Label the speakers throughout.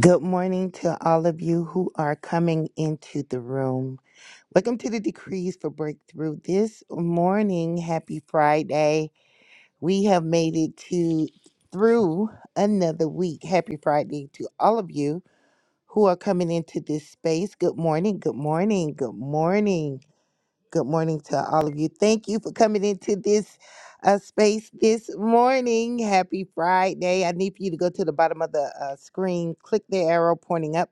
Speaker 1: Good morning to all of you who are coming into the room. Welcome to the Decrees for Breakthrough. This morning, happy Friday. We have made it to through another week. Happy Friday to all of you who are coming into this space. Good morning, good morning, good morning. Good morning to all of you. Thank you for coming into this uh, space this morning. Happy Friday. I need for you to go to the bottom of the uh, screen, click the arrow pointing up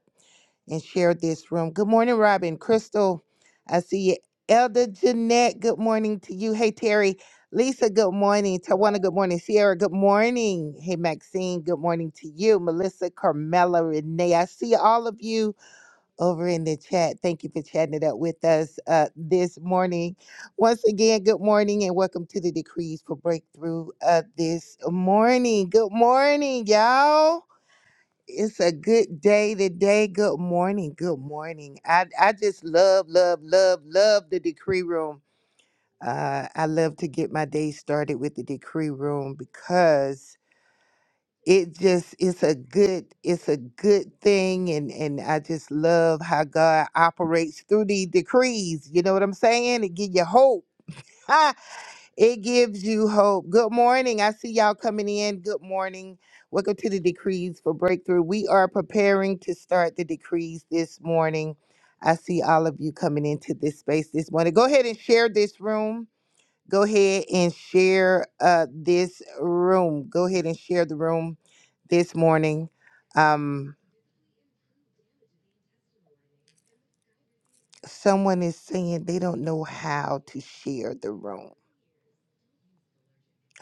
Speaker 1: and share this room. Good morning, Robin. Crystal, I see you. Elder Jeanette, good morning to you. Hey, Terry. Lisa, good morning. Tawana, good morning. Sierra, good morning. Hey, Maxine, good morning to you. Melissa, Carmela, Renee, I see all of you over in the chat. Thank you for chatting it up with us uh, this morning. Once again, good morning and welcome to the Decrees for Breakthrough uh, this morning. Good morning, y'all. It's a good day today. Good morning. Good morning. I, I just love, love, love, love the decree room. Uh, I love to get my day started with the decree room because it just it's a good it's a good thing and and I just love how God operates through the decrees. You know what I'm saying? It give you hope. It gives you hope. Good morning. I see y'all coming in. Good morning. Welcome to the Decrees for Breakthrough. We are preparing to start the decrees this morning. I see all of you coming into this space this morning. Go ahead and share this room. Go ahead and share uh, this room. Go ahead and share the room this morning. Um, someone is saying they don't know how to share the room.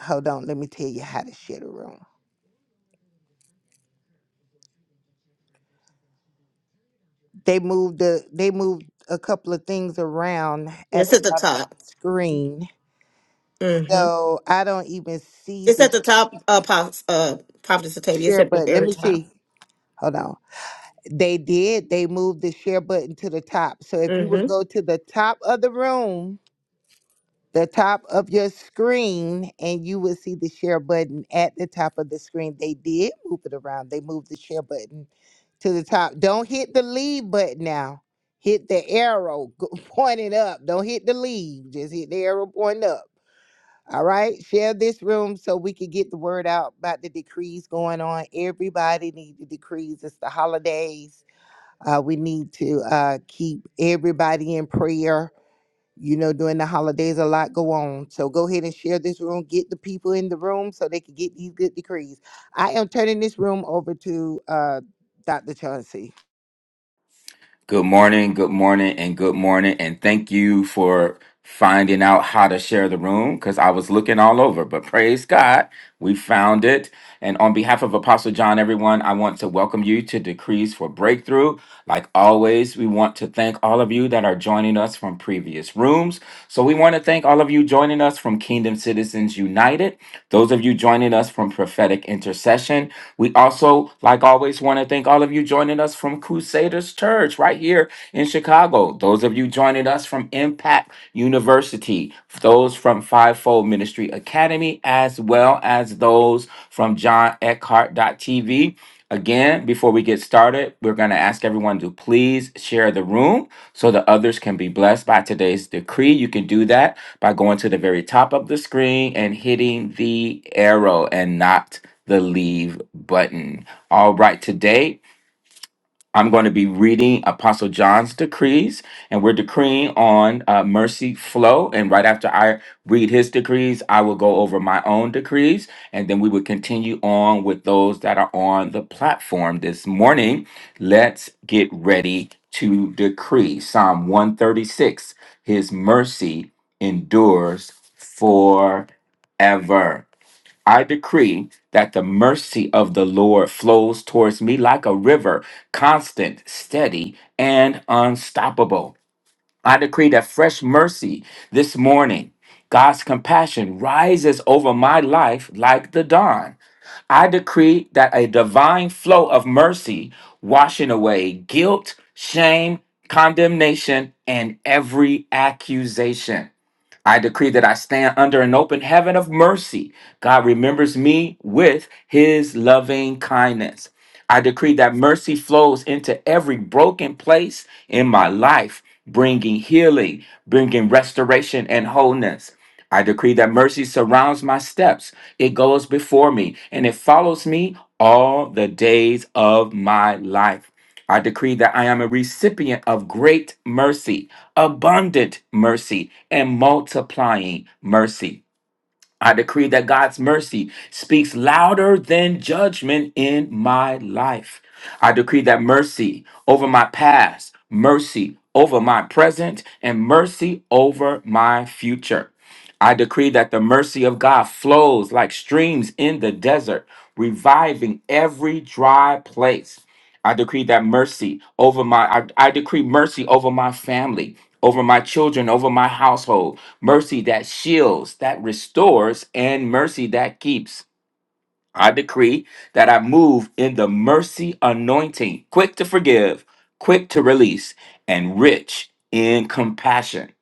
Speaker 1: Hold on, let me tell you how to share the room. They moved the they moved a couple of things around at
Speaker 2: It's
Speaker 1: the
Speaker 2: at the top.
Speaker 1: bottom screen.
Speaker 2: hmm
Speaker 1: So I don't even see
Speaker 2: It's at
Speaker 1: the
Speaker 2: the top, uh, Pop, uh, Prophet Satavia. It's
Speaker 1: share
Speaker 2: at the
Speaker 1: button. Let
Speaker 2: very
Speaker 1: me
Speaker 2: top.
Speaker 1: see. Hold on. They did. They moved the share button to the top. So if you
Speaker 2: Mm-hmm.
Speaker 1: would go to the top of the room the top of your screen and you will see the share button at the top of the screen. They did move it around. They moved the share button to the top. Don't hit the leave button now. Hit the arrow go- pointing up. Don't hit the leave. Just hit the arrow pointing up. All right. Share this room so we can get the word out about the decrees going on. Everybody needs the decrees. It's the holidays. Uh, we need to uh, keep everybody in prayer you know, during the holidays, a lot go on. So go ahead and share this room. Get the people in the room so they can get these good decrees. I am turning this room over to uh, Dr. Chauncey.
Speaker 3: Good morning, good morning, and good morning. And thank you for finding out how to share the room because I was looking all over. But praise God, we found it. And on behalf of Apostle John, everyone, I want to welcome you to Decrees for Breakthrough. Like always, we want to thank all of you that are joining us from previous rooms. So we want to thank all of you joining us from Kingdom Citizens United, those of you joining us from Prophetic Intercession, we also, like always, want to thank all of you joining us from Crusaders Church right here in Chicago. Those of you joining us from Impact University, those from Fivefold Ministry Academy, as well as those from John Eckhart TV. Again, before we get started, we're going to ask everyone to please share the room so that others can be blessed by today's decree. You can do that by going to the very top of the screen and hitting the arrow and not the leave button. All right, today I'm going to be reading Apostle John's decrees, and we're decreeing on uh, mercy flow. And right after I read his decrees, I will go over my own decrees, and then we will continue on with those that are on the platform this morning. Let's get ready to decree Psalm 136 His mercy endures forever. I decree that the mercy of the Lord flows towards me like a river, constant, steady, and unstoppable. I decree that fresh mercy this morning, God's compassion rises over my life like the dawn. I decree that a divine flow of mercy washing away guilt, shame, condemnation, and every accusation. I decree that I stand under an open heaven of mercy. God remembers me with his loving kindness. I decree that mercy flows into every broken place in my life, bringing healing, bringing restoration and wholeness. I decree that mercy surrounds my steps, it goes before me, and it follows me all the days of my life. I decree that I am a recipient of great mercy, abundant mercy, and multiplying mercy. I decree that God's mercy speaks louder than judgment in my life. I decree that mercy over my past, mercy over my present, and mercy over my future. I decree that the mercy of God flows like streams in the desert, reviving every dry place. I decree that mercy over my I, I decree mercy over my family, over my children, over my household mercy that shields, that restores, and mercy that keeps. I decree that I move in the mercy anointing, quick to forgive, quick to release, and rich in compassion.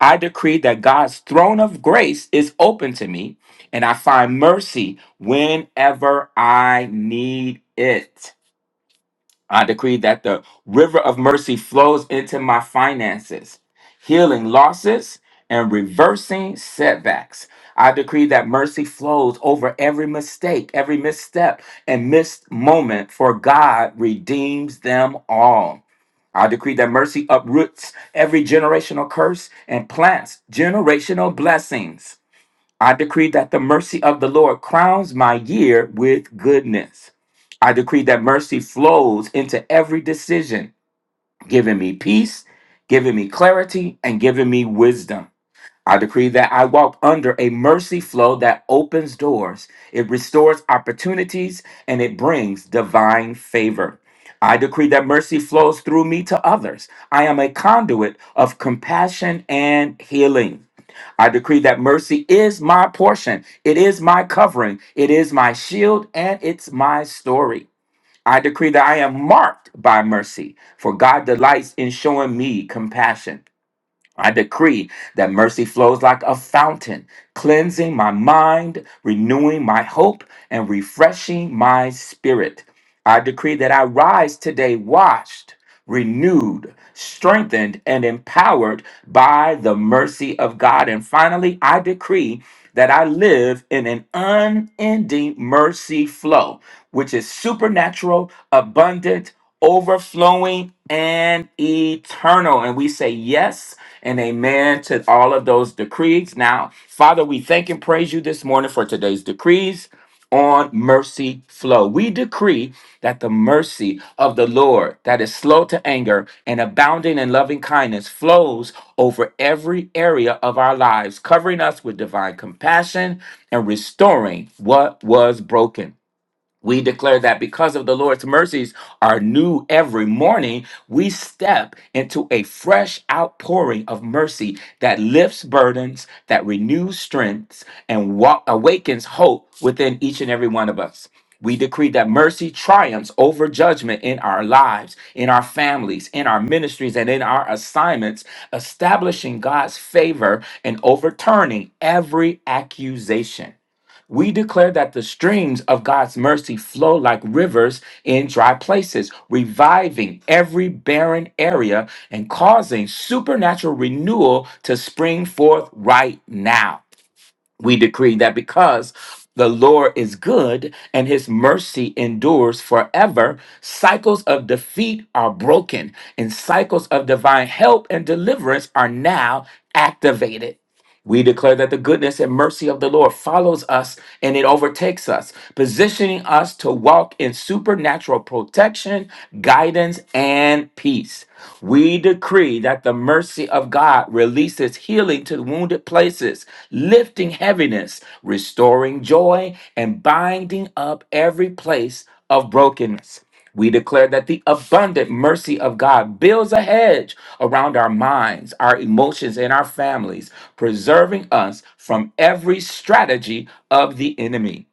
Speaker 3: I decree that God's throne of grace is open to me, and I find mercy whenever I need it. I decree that the river of mercy flows into my finances, healing losses and reversing setbacks. I decree that mercy flows over every mistake, every misstep, and missed moment, for God redeems them all. I decree that mercy uproots every generational curse and plants generational blessings. I decree that the mercy of the Lord crowns my year with goodness. I decree that mercy flows into every decision, giving me peace, giving me clarity, and giving me wisdom. I decree that I walk under a mercy flow that opens doors, it restores opportunities, and it brings divine favor. I decree that mercy flows through me to others. I am a conduit of compassion and healing. I decree that mercy is my portion. It is my covering. It is my shield and it's my story. I decree that I am marked by mercy, for God delights in showing me compassion. I decree that mercy flows like a fountain, cleansing my mind, renewing my hope, and refreshing my spirit. I decree that I rise today washed, renewed, strengthened, and empowered by the mercy of God. And finally, I decree that I live in an unending mercy flow, which is supernatural, abundant, overflowing, and eternal. And we say, Yes and amen to all of those decrees. Now, Father, we thank and praise you this morning for today's decrees on mercy flow. We decree that the mercy of the Lord, that is slow to anger and abounding in loving kindness, flows over every area of our lives, covering us with divine compassion and restoring what was broken. We declare that because of the Lord's mercies are new every morning, we step into a fresh outpouring of mercy that lifts burdens, that renews strengths, and wa- awakens hope within each and every one of us. We decree that mercy triumphs over judgment in our lives, in our families, in our ministries, and in our assignments, establishing God's favor and overturning every accusation. We declare that the streams of God's mercy flow like rivers in dry places, reviving every barren area and causing supernatural renewal to spring forth right now. We decree that because the Lord is good and his mercy endures forever, cycles of defeat are broken and cycles of divine help and deliverance are now activated. We declare that the goodness and mercy of the Lord follows us and it overtakes us, positioning us to walk in supernatural protection, guidance, and peace. We decree that the mercy of God releases healing to wounded places, lifting heaviness, restoring joy, and binding up every place of brokenness. We declare that the abundant mercy of God builds a hedge around our minds, our emotions, and our families, preserving us from every strategy of the enemy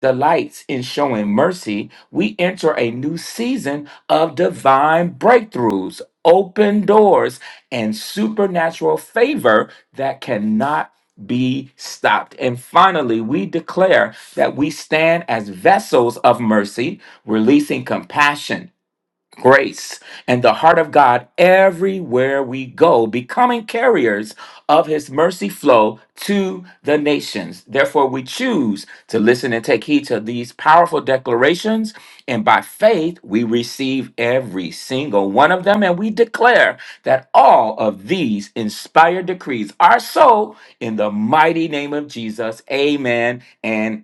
Speaker 3: delights in showing mercy, we enter a new season of divine breakthroughs, open doors, and supernatural favor that cannot be stopped. And finally, we declare that we stand as vessels of mercy, releasing compassion grace and the heart of God everywhere we go, becoming carriers of his mercy flow to the nations. Therefore, we choose to listen and take heed to these powerful declarations. And by faith, we receive every single one of them. And we declare that all of these inspired decrees are so in the mighty name of Jesus. Amen and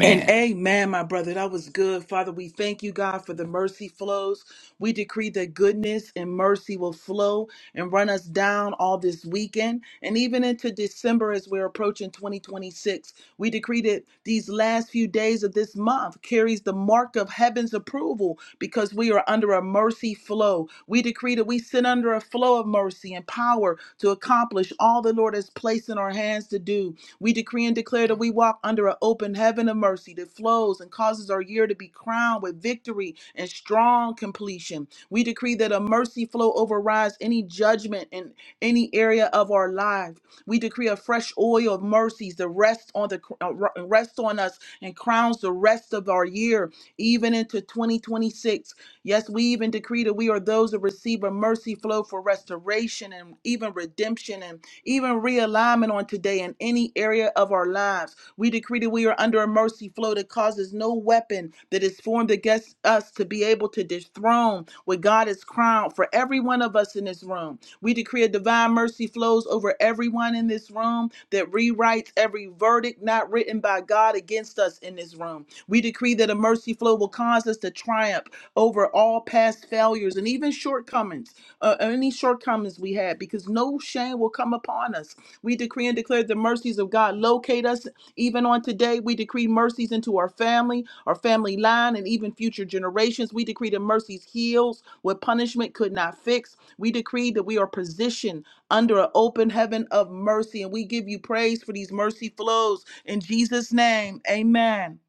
Speaker 4: And amen, my brother. That was good. Father, we thank you, God, for the mercy flows. We decree that goodness and mercy will flow and run us down all this weekend and even into December as we're approaching 2026. We decree that these last few days of this month carries the mark of heaven's approval because we are under a mercy flow. We decree that we sit under a flow of mercy and power to accomplish all the Lord has placed in our hands to do. We decree and declare that we walk under an open heaven of mercy that flows and causes our year to be crowned with victory and strong completion. We decree that a mercy flow overrides any judgment in any area of our life. We decree a fresh oil of mercies to rest on the uh, rest on us and crowns the rest of our year, even into 2026. Yes, we even decree that we are those that receive a mercy flow for restoration and even redemption and even realignment on today in any area of our lives. We decree that we are under a mercy flow that causes no weapon that is formed against us to be able to dethrone what God has crowned for every one of us in this room. We decree a divine mercy flows over everyone in this room that rewrites every verdict not written by God against us in this room. We decree that a mercy flow will cause us to triumph over all past failures and even shortcomings uh, any shortcomings we had, because no shame will come upon us. We decree and declare the mercies of God locate us even on today. We decree mercies into our family, our family line, and even future generations. We decree the mercies heals what punishment could not fix. We decree that we are positioned under an open heaven of mercy, and we give you praise for these mercy flows in Jesus' name. Amen.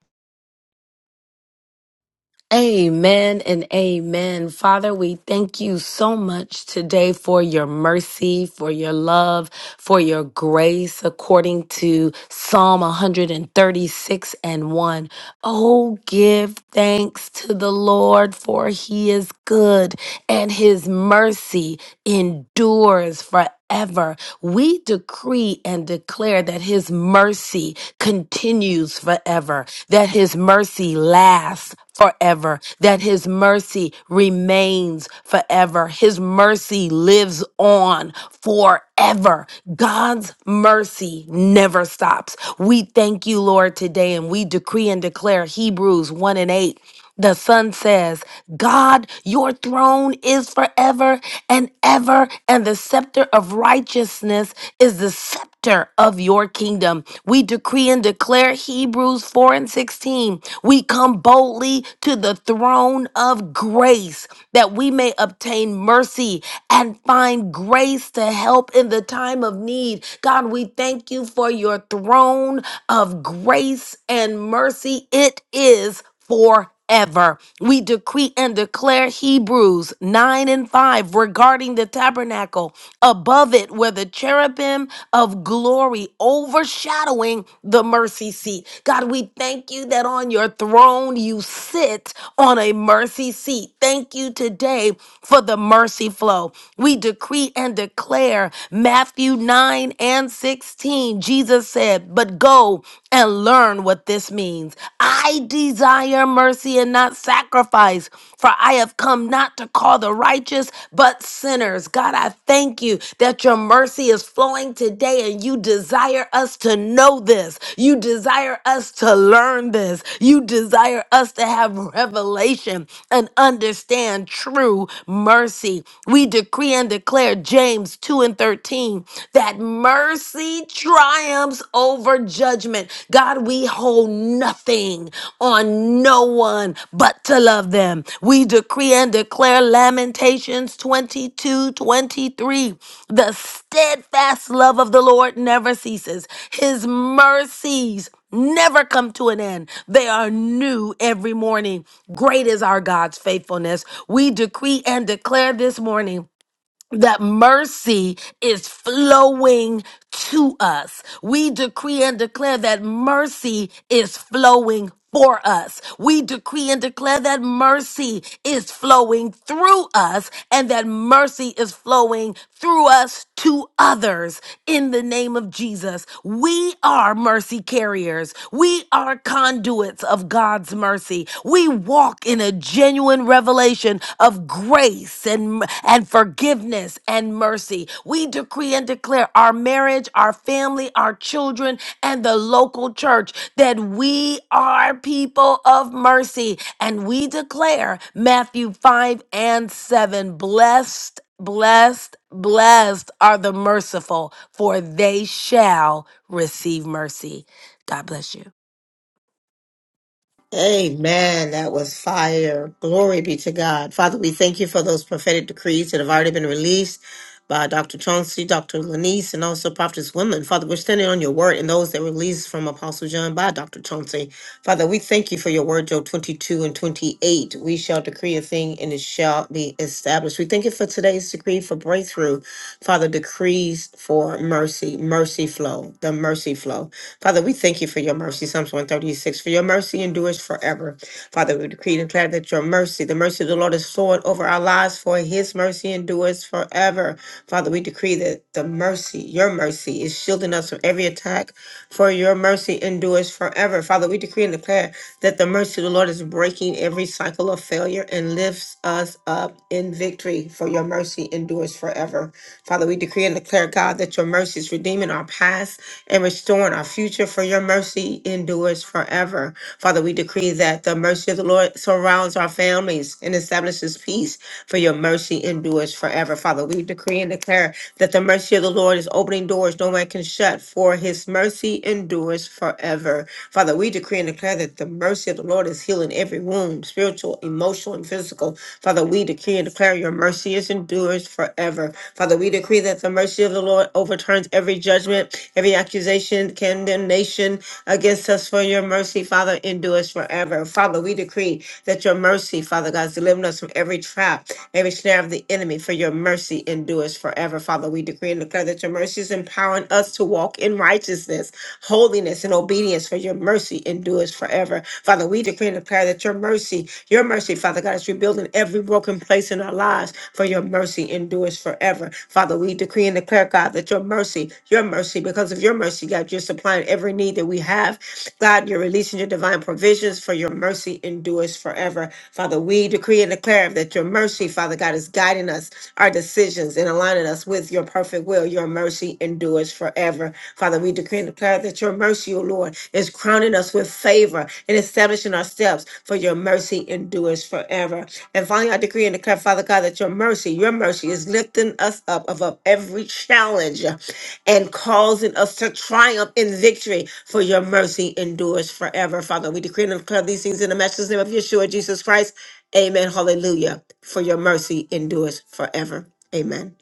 Speaker 5: Amen and amen. Father, we thank you so much today for your mercy, for your love, for your grace, according to Psalm 136 and 1. Oh, give thanks to the Lord, for he is good and his mercy endures forever. We decree and declare that his mercy continues forever, that his mercy lasts forever, that his mercy remains forever. His mercy lives on forever. God's mercy never stops. We thank you, Lord, today, and we decree and declare Hebrews 1 and 8. The son says, God, your throne is forever and ever, and the scepter of righteousness is the scepter of your kingdom. We decree and declare Hebrews 4 and 16. We come boldly to the throne of grace that we may obtain mercy and find grace to help in the time of need. God, we thank you for your throne of grace and mercy. It is. forever forever. We decree and declare Hebrews 9 and 5 regarding the tabernacle above it, where the cherubim of glory overshadowing the mercy seat. God, we thank you that on your throne you sit on a mercy seat. Thank you today for the mercy flow. We decree and declare Matthew 9 and 16. Jesus said, But go and learn what this means. I desire mercy and not sacrifice, for I have come not to call the righteous, but sinners. God, I thank you that your mercy is flowing today and you desire us to know this. You desire us to learn this. You desire us to have revelation and understand true mercy. We decree and declare James 2 and 13 that mercy he triumphs over judgment. God, we hold nothing on no one but to love them. We decree and declare Lamentations 22, 23. The steadfast love of the Lord never ceases, His mercies never come to an end. They are new every morning. Great is our God's faithfulness. We decree and declare this morning that mercy is flowing to us. We decree and declare that mercy is flowing for us. We decree and declare that mercy is flowing through us and that mercy is flowing through us to others carriers in the name of Jesus. We are mercy carriers. We are conduits of God's mercy. We walk in a genuine revelation of grace and, and forgiveness and mercy. We decree and declare our marriage, our family, our children, and the local church that we are people of mercy. And we declare Matthew 5 and 7 blessed, blessed, blessed are the merciful, for they shall receive mercy. God bless you.
Speaker 2: Amen. That was fire. Glory be to God. Father, we thank you for those prophetic decrees that have already been released by Dr. Chauncey, Dr. Lanice, and also Prophetess Women. Father, we're standing on your word and those that were released from Apostle John by Dr. Chauncey. Father, we thank you for your word, Job 22 and 28. We shall decree a thing and it shall be established. We thank you for today's decree for breakthrough. Father, decrees for mercy, mercy flow, the mercy flow. Father, we thank you for your mercy, Psalms 136, for your mercy endures forever. Father, we decree and declare that your mercy, the mercy of the Lord is flowing over our lives, for his mercy endures forever. Father, we decree that the mercy, your mercy, is shielding us from every attack, for your mercy endures forever. Father, we decree and declare that the mercy of the Lord is breaking every cycle of failure and lifts us up in victory, for your mercy endures forever. Father, we decree and declare, God, that your mercy is redeeming our past and restoring our future, for your mercy endures forever. Father, we decree that the mercy of the Lord surrounds our families and establishes peace, for your mercy endures forever. Father, we decree and declare that the mercy of the Lord is opening doors no man can shut, for his mercy endures forever. Father, we decree and declare that the mercy of the Lord is healing every wound, spiritual, emotional, and physical. Father, we decree and declare your mercy is endures forever. Father, we decree that the mercy of the Lord overturns every judgment, every accusation, condemnation against us for your mercy, Father, endures forever. Father, we decree that your mercy, Father God, is delivering us from every trap, every snare of the enemy, for your mercy endures forever. Father, we decree and declare that your mercy is empowering us to walk in righteousness, holiness, and obedience, for your mercy endures forever. Father, we decree and declare that your mercy, your mercy, Father God, is rebuilding every broken place in our lives, for your mercy endures forever. Father, we decree decree and declare, God, that your mercy, your mercy, because of your mercy, God, you're supplying every need that we have. God, you're releasing your divine provisions for your mercy endures forever. Father, we decree and declare that your mercy, Father God, is guiding us, our decisions, and aligning us with your perfect will. Your mercy endures forever. Father, we decree and declare that your mercy, O Lord, is crowning us with favor and establishing our steps, for your mercy endures forever. And finally, I decree and declare, Father God, that your mercy, your mercy is lifting us up above every challenge and causing us to triumph in victory, for your mercy endures forever. Father, we decree and declare these things in the matchless name of Yeshua, Jesus Christ. Amen. Hallelujah. For your mercy endures forever. Amen.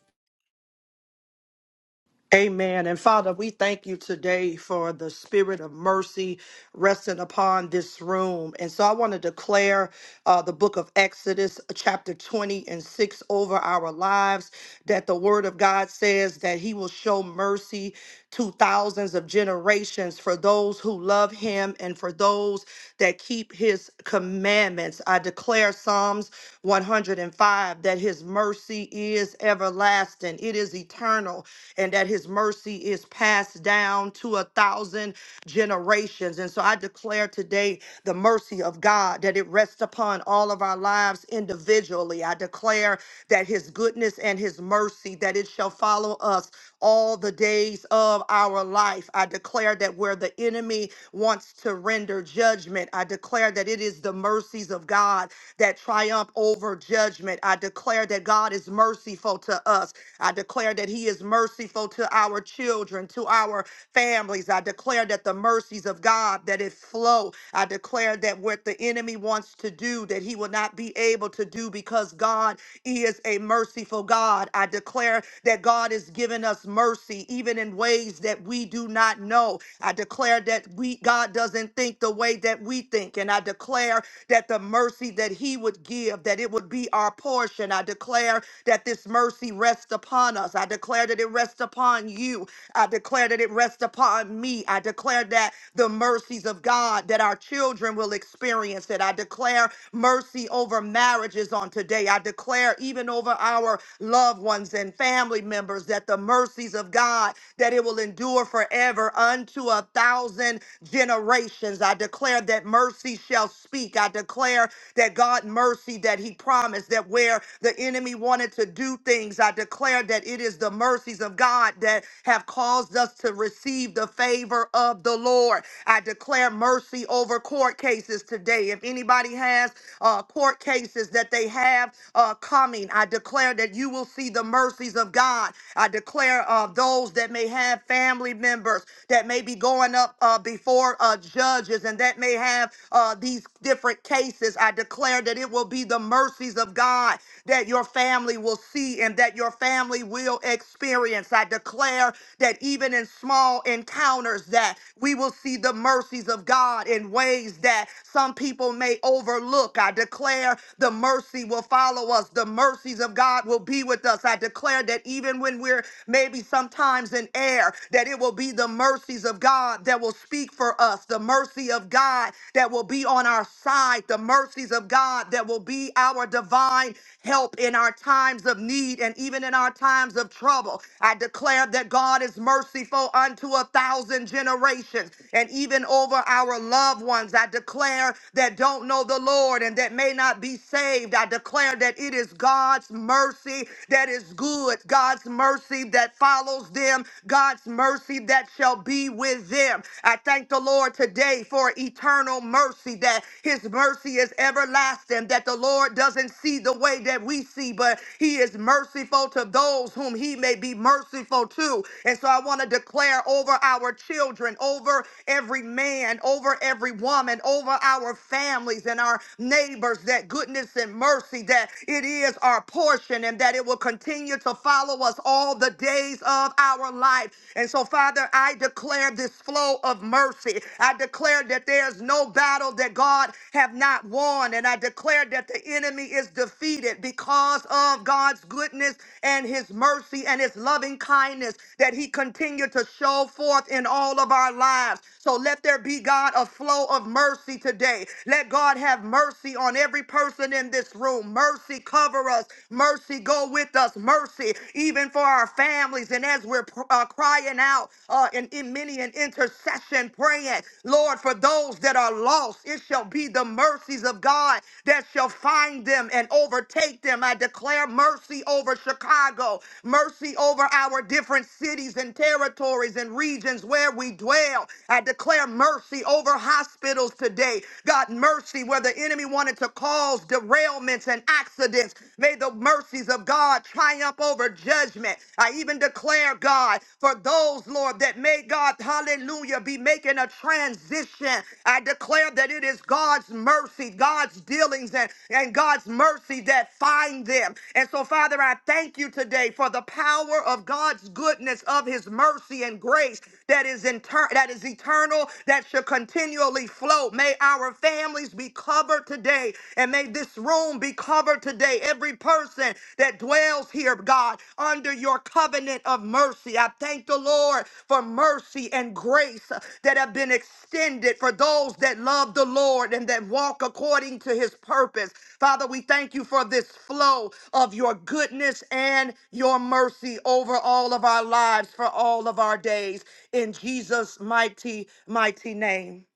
Speaker 6: Amen. And Father, we thank you today for the spirit of mercy resting upon this room. And so I want to declare uh, the book of Exodus, uh, chapter 20 and 6, over our lives that the word of God says that he will show mercy to thousands of generations for those who love him and for those that keep his commandments. I declare Psalms 105 that his mercy is everlasting, it is eternal and that his mercy is passed down to a thousand generations. And so I declare today the mercy of God that it rests upon all of our lives individually. I declare that his goodness and his mercy that it shall follow us all the days of our life. I declare that where the enemy wants to render judgment, I declare that it is the mercies of God that triumph over judgment. I declare that God is merciful to us I declare that He is merciful to our children, to our families. I declare that the mercies of God that it flow. I declare that what the enemy wants to do, that he will not be able to do because God is a merciful God. I declare that God is giving us mercy even in ways that we do not know. I declare that we God doesn't think the way that we think. And I declare that the mercy that he would give, that it would be our portion. I declare that this mercy rests upon us. I declare that it rests upon you. I declare that it rests upon me. I declare that the mercies of God that our children will experience it. I declare mercy over marriages on today. I declare even over our loved ones and family members that the mercies of God that it will endure forever unto a thousand generations. I declare that mercy shall speak. I declare that God mercy that that he promised that where the enemy wanted to do things, I declare that it is the mercies of God that have caused us to receive the favor of the Lord. I declare mercy over court cases today. If anybody has uh, court cases that they have uh, coming, I declare that you will see the mercies of God. I declare uh, those that may have family members that may be going up uh, before uh, judges and that may have uh, these different cases, I declare that it will be the mercies of God that your family will see and that your family will experience. I declare that even in small encounters that we will see the mercies of God in ways that some people may overlook. I declare the mercy will follow us. The mercies of God will be with us. I declare that even when we're maybe sometimes in air, that it will be the mercies of God that will speak for us, us, the mercy of God that will be on our side, the mercies of God that will be our divine help in our times of need and even in our times of trouble. I declare that God is merciful unto a thousand generations and even over our loved ones. I declare that don't know the Lord and that may not be saved. I declare that it is God's mercy that is good, God's mercy that follows them, God's mercy that shall shall be with them. I thank the Lord today for eternal mercy, that his mercy is everlasting, that the Lord doesn't see the way that we see, but he is merciful to those whom he may be merciful to. And so I want to declare over our children, over every man, over every woman, over our families and our neighbors that goodness and mercy, that it is our portion and that it will continue to follow us all the days days of our life. And so, Father, I declare this flow of mercy. I declare that there's no battle that God have not won. And I declare that the enemy is defeated because of God's goodness and his mercy and his loving kindness that he continued to show forth in all of our lives. So let there be, God, a flow of mercy today. Let God have mercy on every person in this room. Mercy cover us. Mercy go with us mercy, even for our families. And as we're pr- uh, crying out uh, in, in many an intercession, praying, Lord, for those that are lost, it shall be the mercies of God that shall find them and overtake them. I declare mercy over Chicago, mercy over our different cities and territories and regions where we dwell. I declare mercy over hospitals today. God, mercy where the enemy wanted to cause derailments accidents and accidents. May the mercies of God triumph over judgment. I even declare, God, for those, Lord, that may God, hallelujah, be making a transition. I declare that it is God's mercy, God's dealings, and, and God's mercy that find them. And so, Father, I thank you today for the power of God's goodness, of his mercy and grace that is in turn that is eternal, that should continually flow. May our families be covered today. And may this room be covered today. Every person that dwells here, God, under your covenant of mercy. I thank the Lord for mercy and grace that have been extended for those that love the Lord and that walk according to his purpose. Father, we thank you for this flow of your goodness and your mercy over all of our lives for all of our days. In Jesus' mighty, mighty name.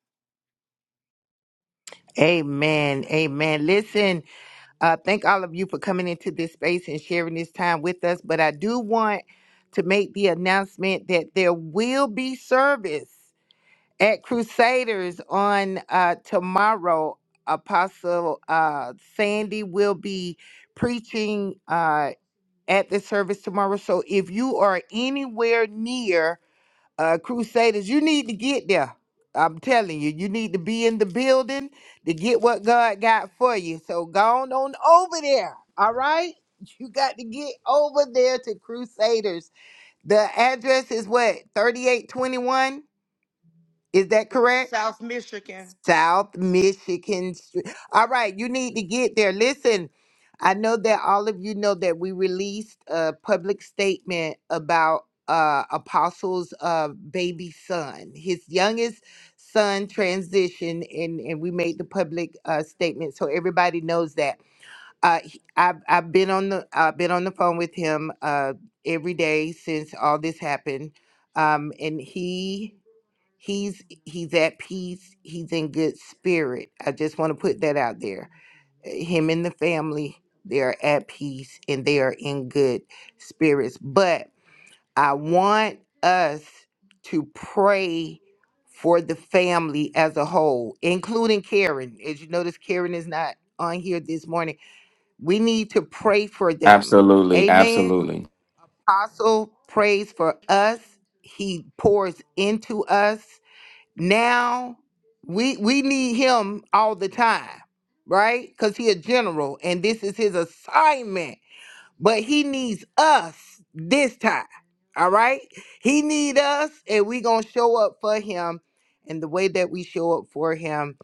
Speaker 1: Amen. Amen. Listen, uh, thank all of you for coming into this space and sharing this time with us. But I do want to make the announcement that there will be service at Crusaders on uh, tomorrow. Apostle uh, Sandy will be preaching. uh. at the service tomorrow. So if you are anywhere near uh, Crusaders, you need to get there. I'm telling you, you need to be in the building to get what God got for you. So go on, on over there. All right. You got to get over there to Crusaders. The address is what? 3821? Is that
Speaker 6: Yes,
Speaker 1: correct?
Speaker 6: South Michigan.
Speaker 1: South Michigan Street. All right, you need to get there. Listen, I know that all of you know that we released a public statement about uh, Apostle's uh, baby son. His youngest son transitioned, and, and we made the public uh, statement so everybody knows that. Uh, he- I've, I've been on the I've been on the phone with him uh, every day since all this happened, um, and he he's he's at peace he's in good spirit i just want to put that out there Uh, him and the family they're at peace and they are in good spirits but i want us to pray for the family as a whole including karen as you notice karen is not on here this morning we need to pray for them
Speaker 3: Absolutely.
Speaker 1: amen
Speaker 3: Absolutely.
Speaker 1: apostle prays for us he pours into us now we we need him all the time right because he a general and this is his assignment but he needs us this time. All right? He need us and we going to show up for him and the way that we show up for him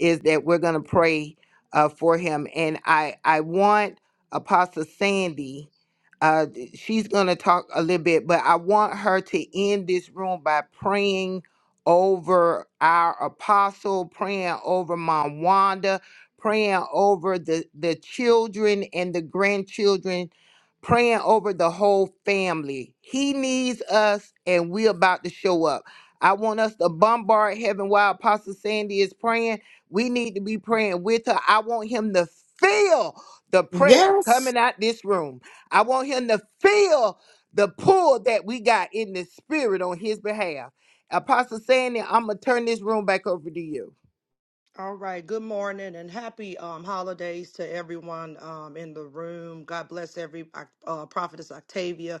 Speaker 1: is that we're going to pray uh, for him and I I want Apostle Sandy uh she's going to talk a little bit but I want her to end this room by praying over our apostle, praying over Mom Wanda, praying over the the children and the grandchildren praying over the whole family. He needs us, and we are about to show up. I want us to bombard heaven while Apostle Sandy is praying. We need to be praying with her. I want him to feel the prayers
Speaker 2: Yes,
Speaker 1: coming out this room. I want him to feel the pull that we got in the spirit on his behalf. Apostle Sandy, I'm going to turn this room back over to you.
Speaker 6: All right. Good morning and happy um, holidays to everyone um, in the room. God bless every uh, uh, prophetess Octavia,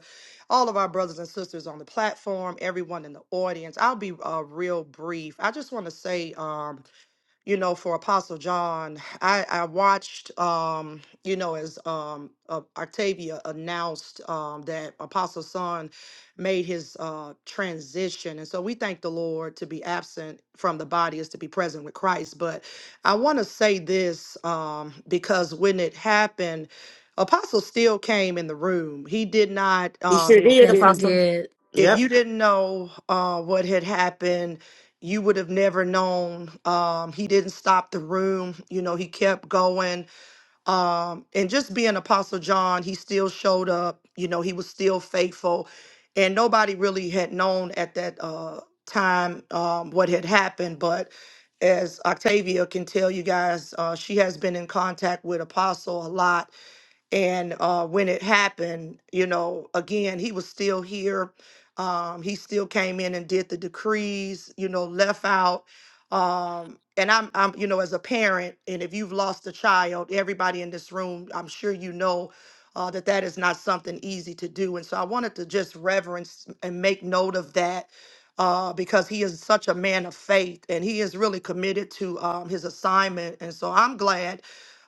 Speaker 6: all of our brothers and sisters on the platform, everyone in the audience. I'll be uh, real brief. I just want to say. Um, you know, for Apostle John, I, I watched, um, you know, as um, uh, Octavia announced um, that Apostle Son made his uh, transition. And so we thank the Lord to be absent from the body is to be present with Christ. But I want to say this um, because when it happened, Apostle still came in the room. He did not.
Speaker 2: you
Speaker 6: Um,
Speaker 2: sure did,
Speaker 6: it,
Speaker 5: Yes, he
Speaker 2: Apostle.
Speaker 5: did.
Speaker 6: if
Speaker 2: Yep,
Speaker 6: you didn't know uh, what had happened, you would have never known. Um, he didn't stop the room. You know, he kept going. Um, and just being Apostle John, he still showed up. You know, he was still faithful. And nobody really had known at that uh, time um, what had happened. But as Octavia can tell you guys, uh, she has been in contact with Apostle a lot and uh, when it happened, you know, again, he was still here. Um, he still came in and did the decrees, you know, left out. Um, and I'm, I'm, you know, as a parent, and if you've lost a child, everybody in this room, I'm sure you know uh, that that is not something easy to do. And so I wanted to just reverence and make note of that. Uh, because he is such a man of faith and he is really committed to um, his assignment. And so I'm glad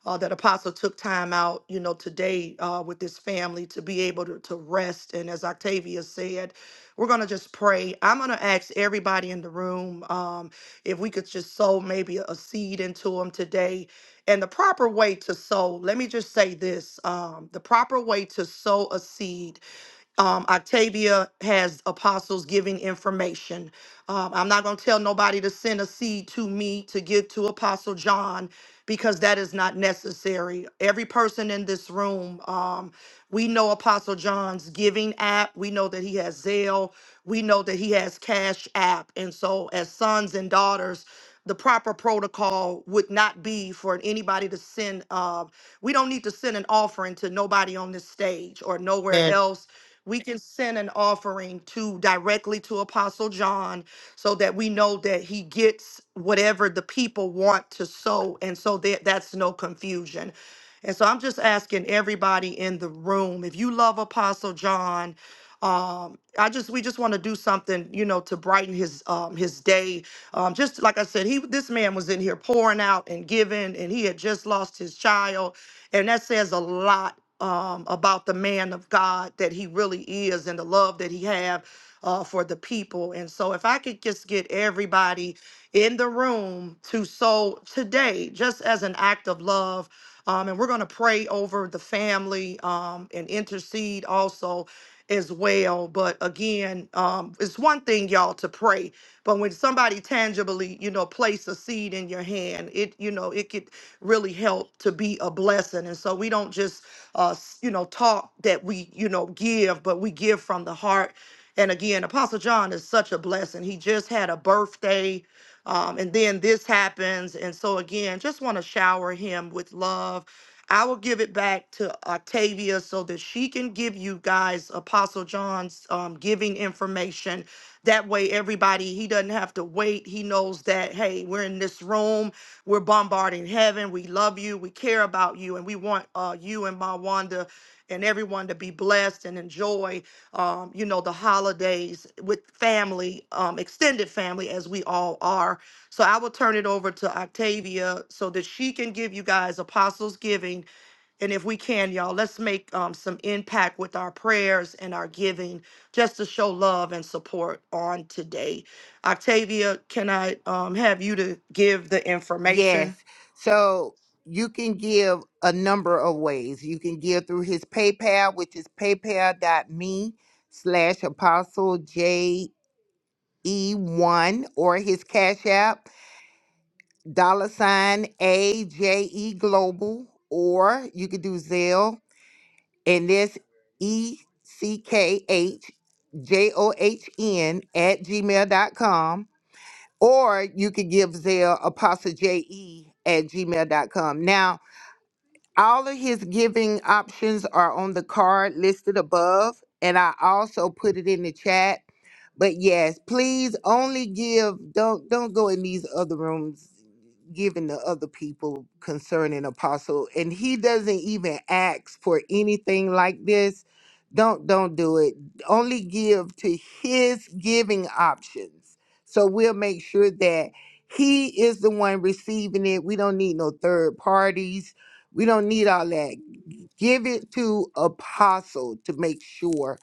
Speaker 6: uh, that Apostle took time out, you know, today uh, with this family to be able to, to rest. And as Octavia said, we're going to just pray. I'm going to ask everybody in the room um, if we could just sow maybe a seed into them today. And the proper way to sow, let me just say this um, the proper way to sow a seed um, Octavia has apostles giving information. Um, I'm not going to tell nobody to send a seed to me to give to Apostle John because that is not necessary. Every person in this room, um, we know Apostle John's giving app. We know that he has Zelle. We know that he has Cash App. And so, as sons and daughters, the proper protocol would not be for anybody to send. Uh, we don't need to send an offering to nobody on this stage or nowhere
Speaker 2: man.
Speaker 6: else we can send an offering to directly to Apostle John so that we know that he gets whatever the people want to sow. And so that that's no confusion. And so I'm just asking everybody in the room, if you love Apostle John, um, I just we just want to do something, you know, to brighten his um his day. Um, just like I said, he this man was in here pouring out and giving, and he had just lost his child, and that says a lot um, about the man of God that he really is and the love that he have uh, for the people. And so if I could just get everybody in the room to sow today, just as an act of love, um, and we're going to pray over the family um, and intercede also as well. But again, um, it's one thing, y'all, to pray, but when somebody tangibly, you know, place a seed in your hand, it, you know, it could really help to be a blessing. And so we don't just, uh, s- you know, talk that we, you know, give, but we give from the heart. And again, Apostle John is such a blessing. He just had a birthday. Um, and then this happens. And so, again, just want to shower him with love. I will give it back to Octavia so that she can give you guys Apostle John's um, giving information. That way, everybody, he doesn't have to wait. He knows that, hey, we're in this room, we're bombarding heaven. We love you, we care about you, and we want uh, you and my Wanda and everyone to be blessed and enjoy um, you know, the holidays with family, um, extended family, as we all are. So I will turn it over to Octavia so that she can give you guys Apostles Giving. And if we can, y'all, let's make um, some impact with our prayers and our giving just to show love and support on today. Octavia, can I um, have you to give the
Speaker 1: Yes.
Speaker 6: information?
Speaker 1: So you can give a number of ways. You can give through his PayPal, which is paypal.me slash apostle J E one or his Cash App, dollar sign A J E Global, or you could do Zelle and this E C K H J O H N at gmail.com. Or you could give Zelle apostle J E at gmail.com. Now All of his giving options are on the card listed above, and I also put it in the chat. But yes, please only give. Don't don't go in these other rooms giving to other people concerning Apostle, and he doesn't even ask for anything like this. Don't don't do it. Only give to his giving options. So we'll make sure that he is the one receiving it. We don't need no third parties we don't need all that. Give it to Apostle to make sure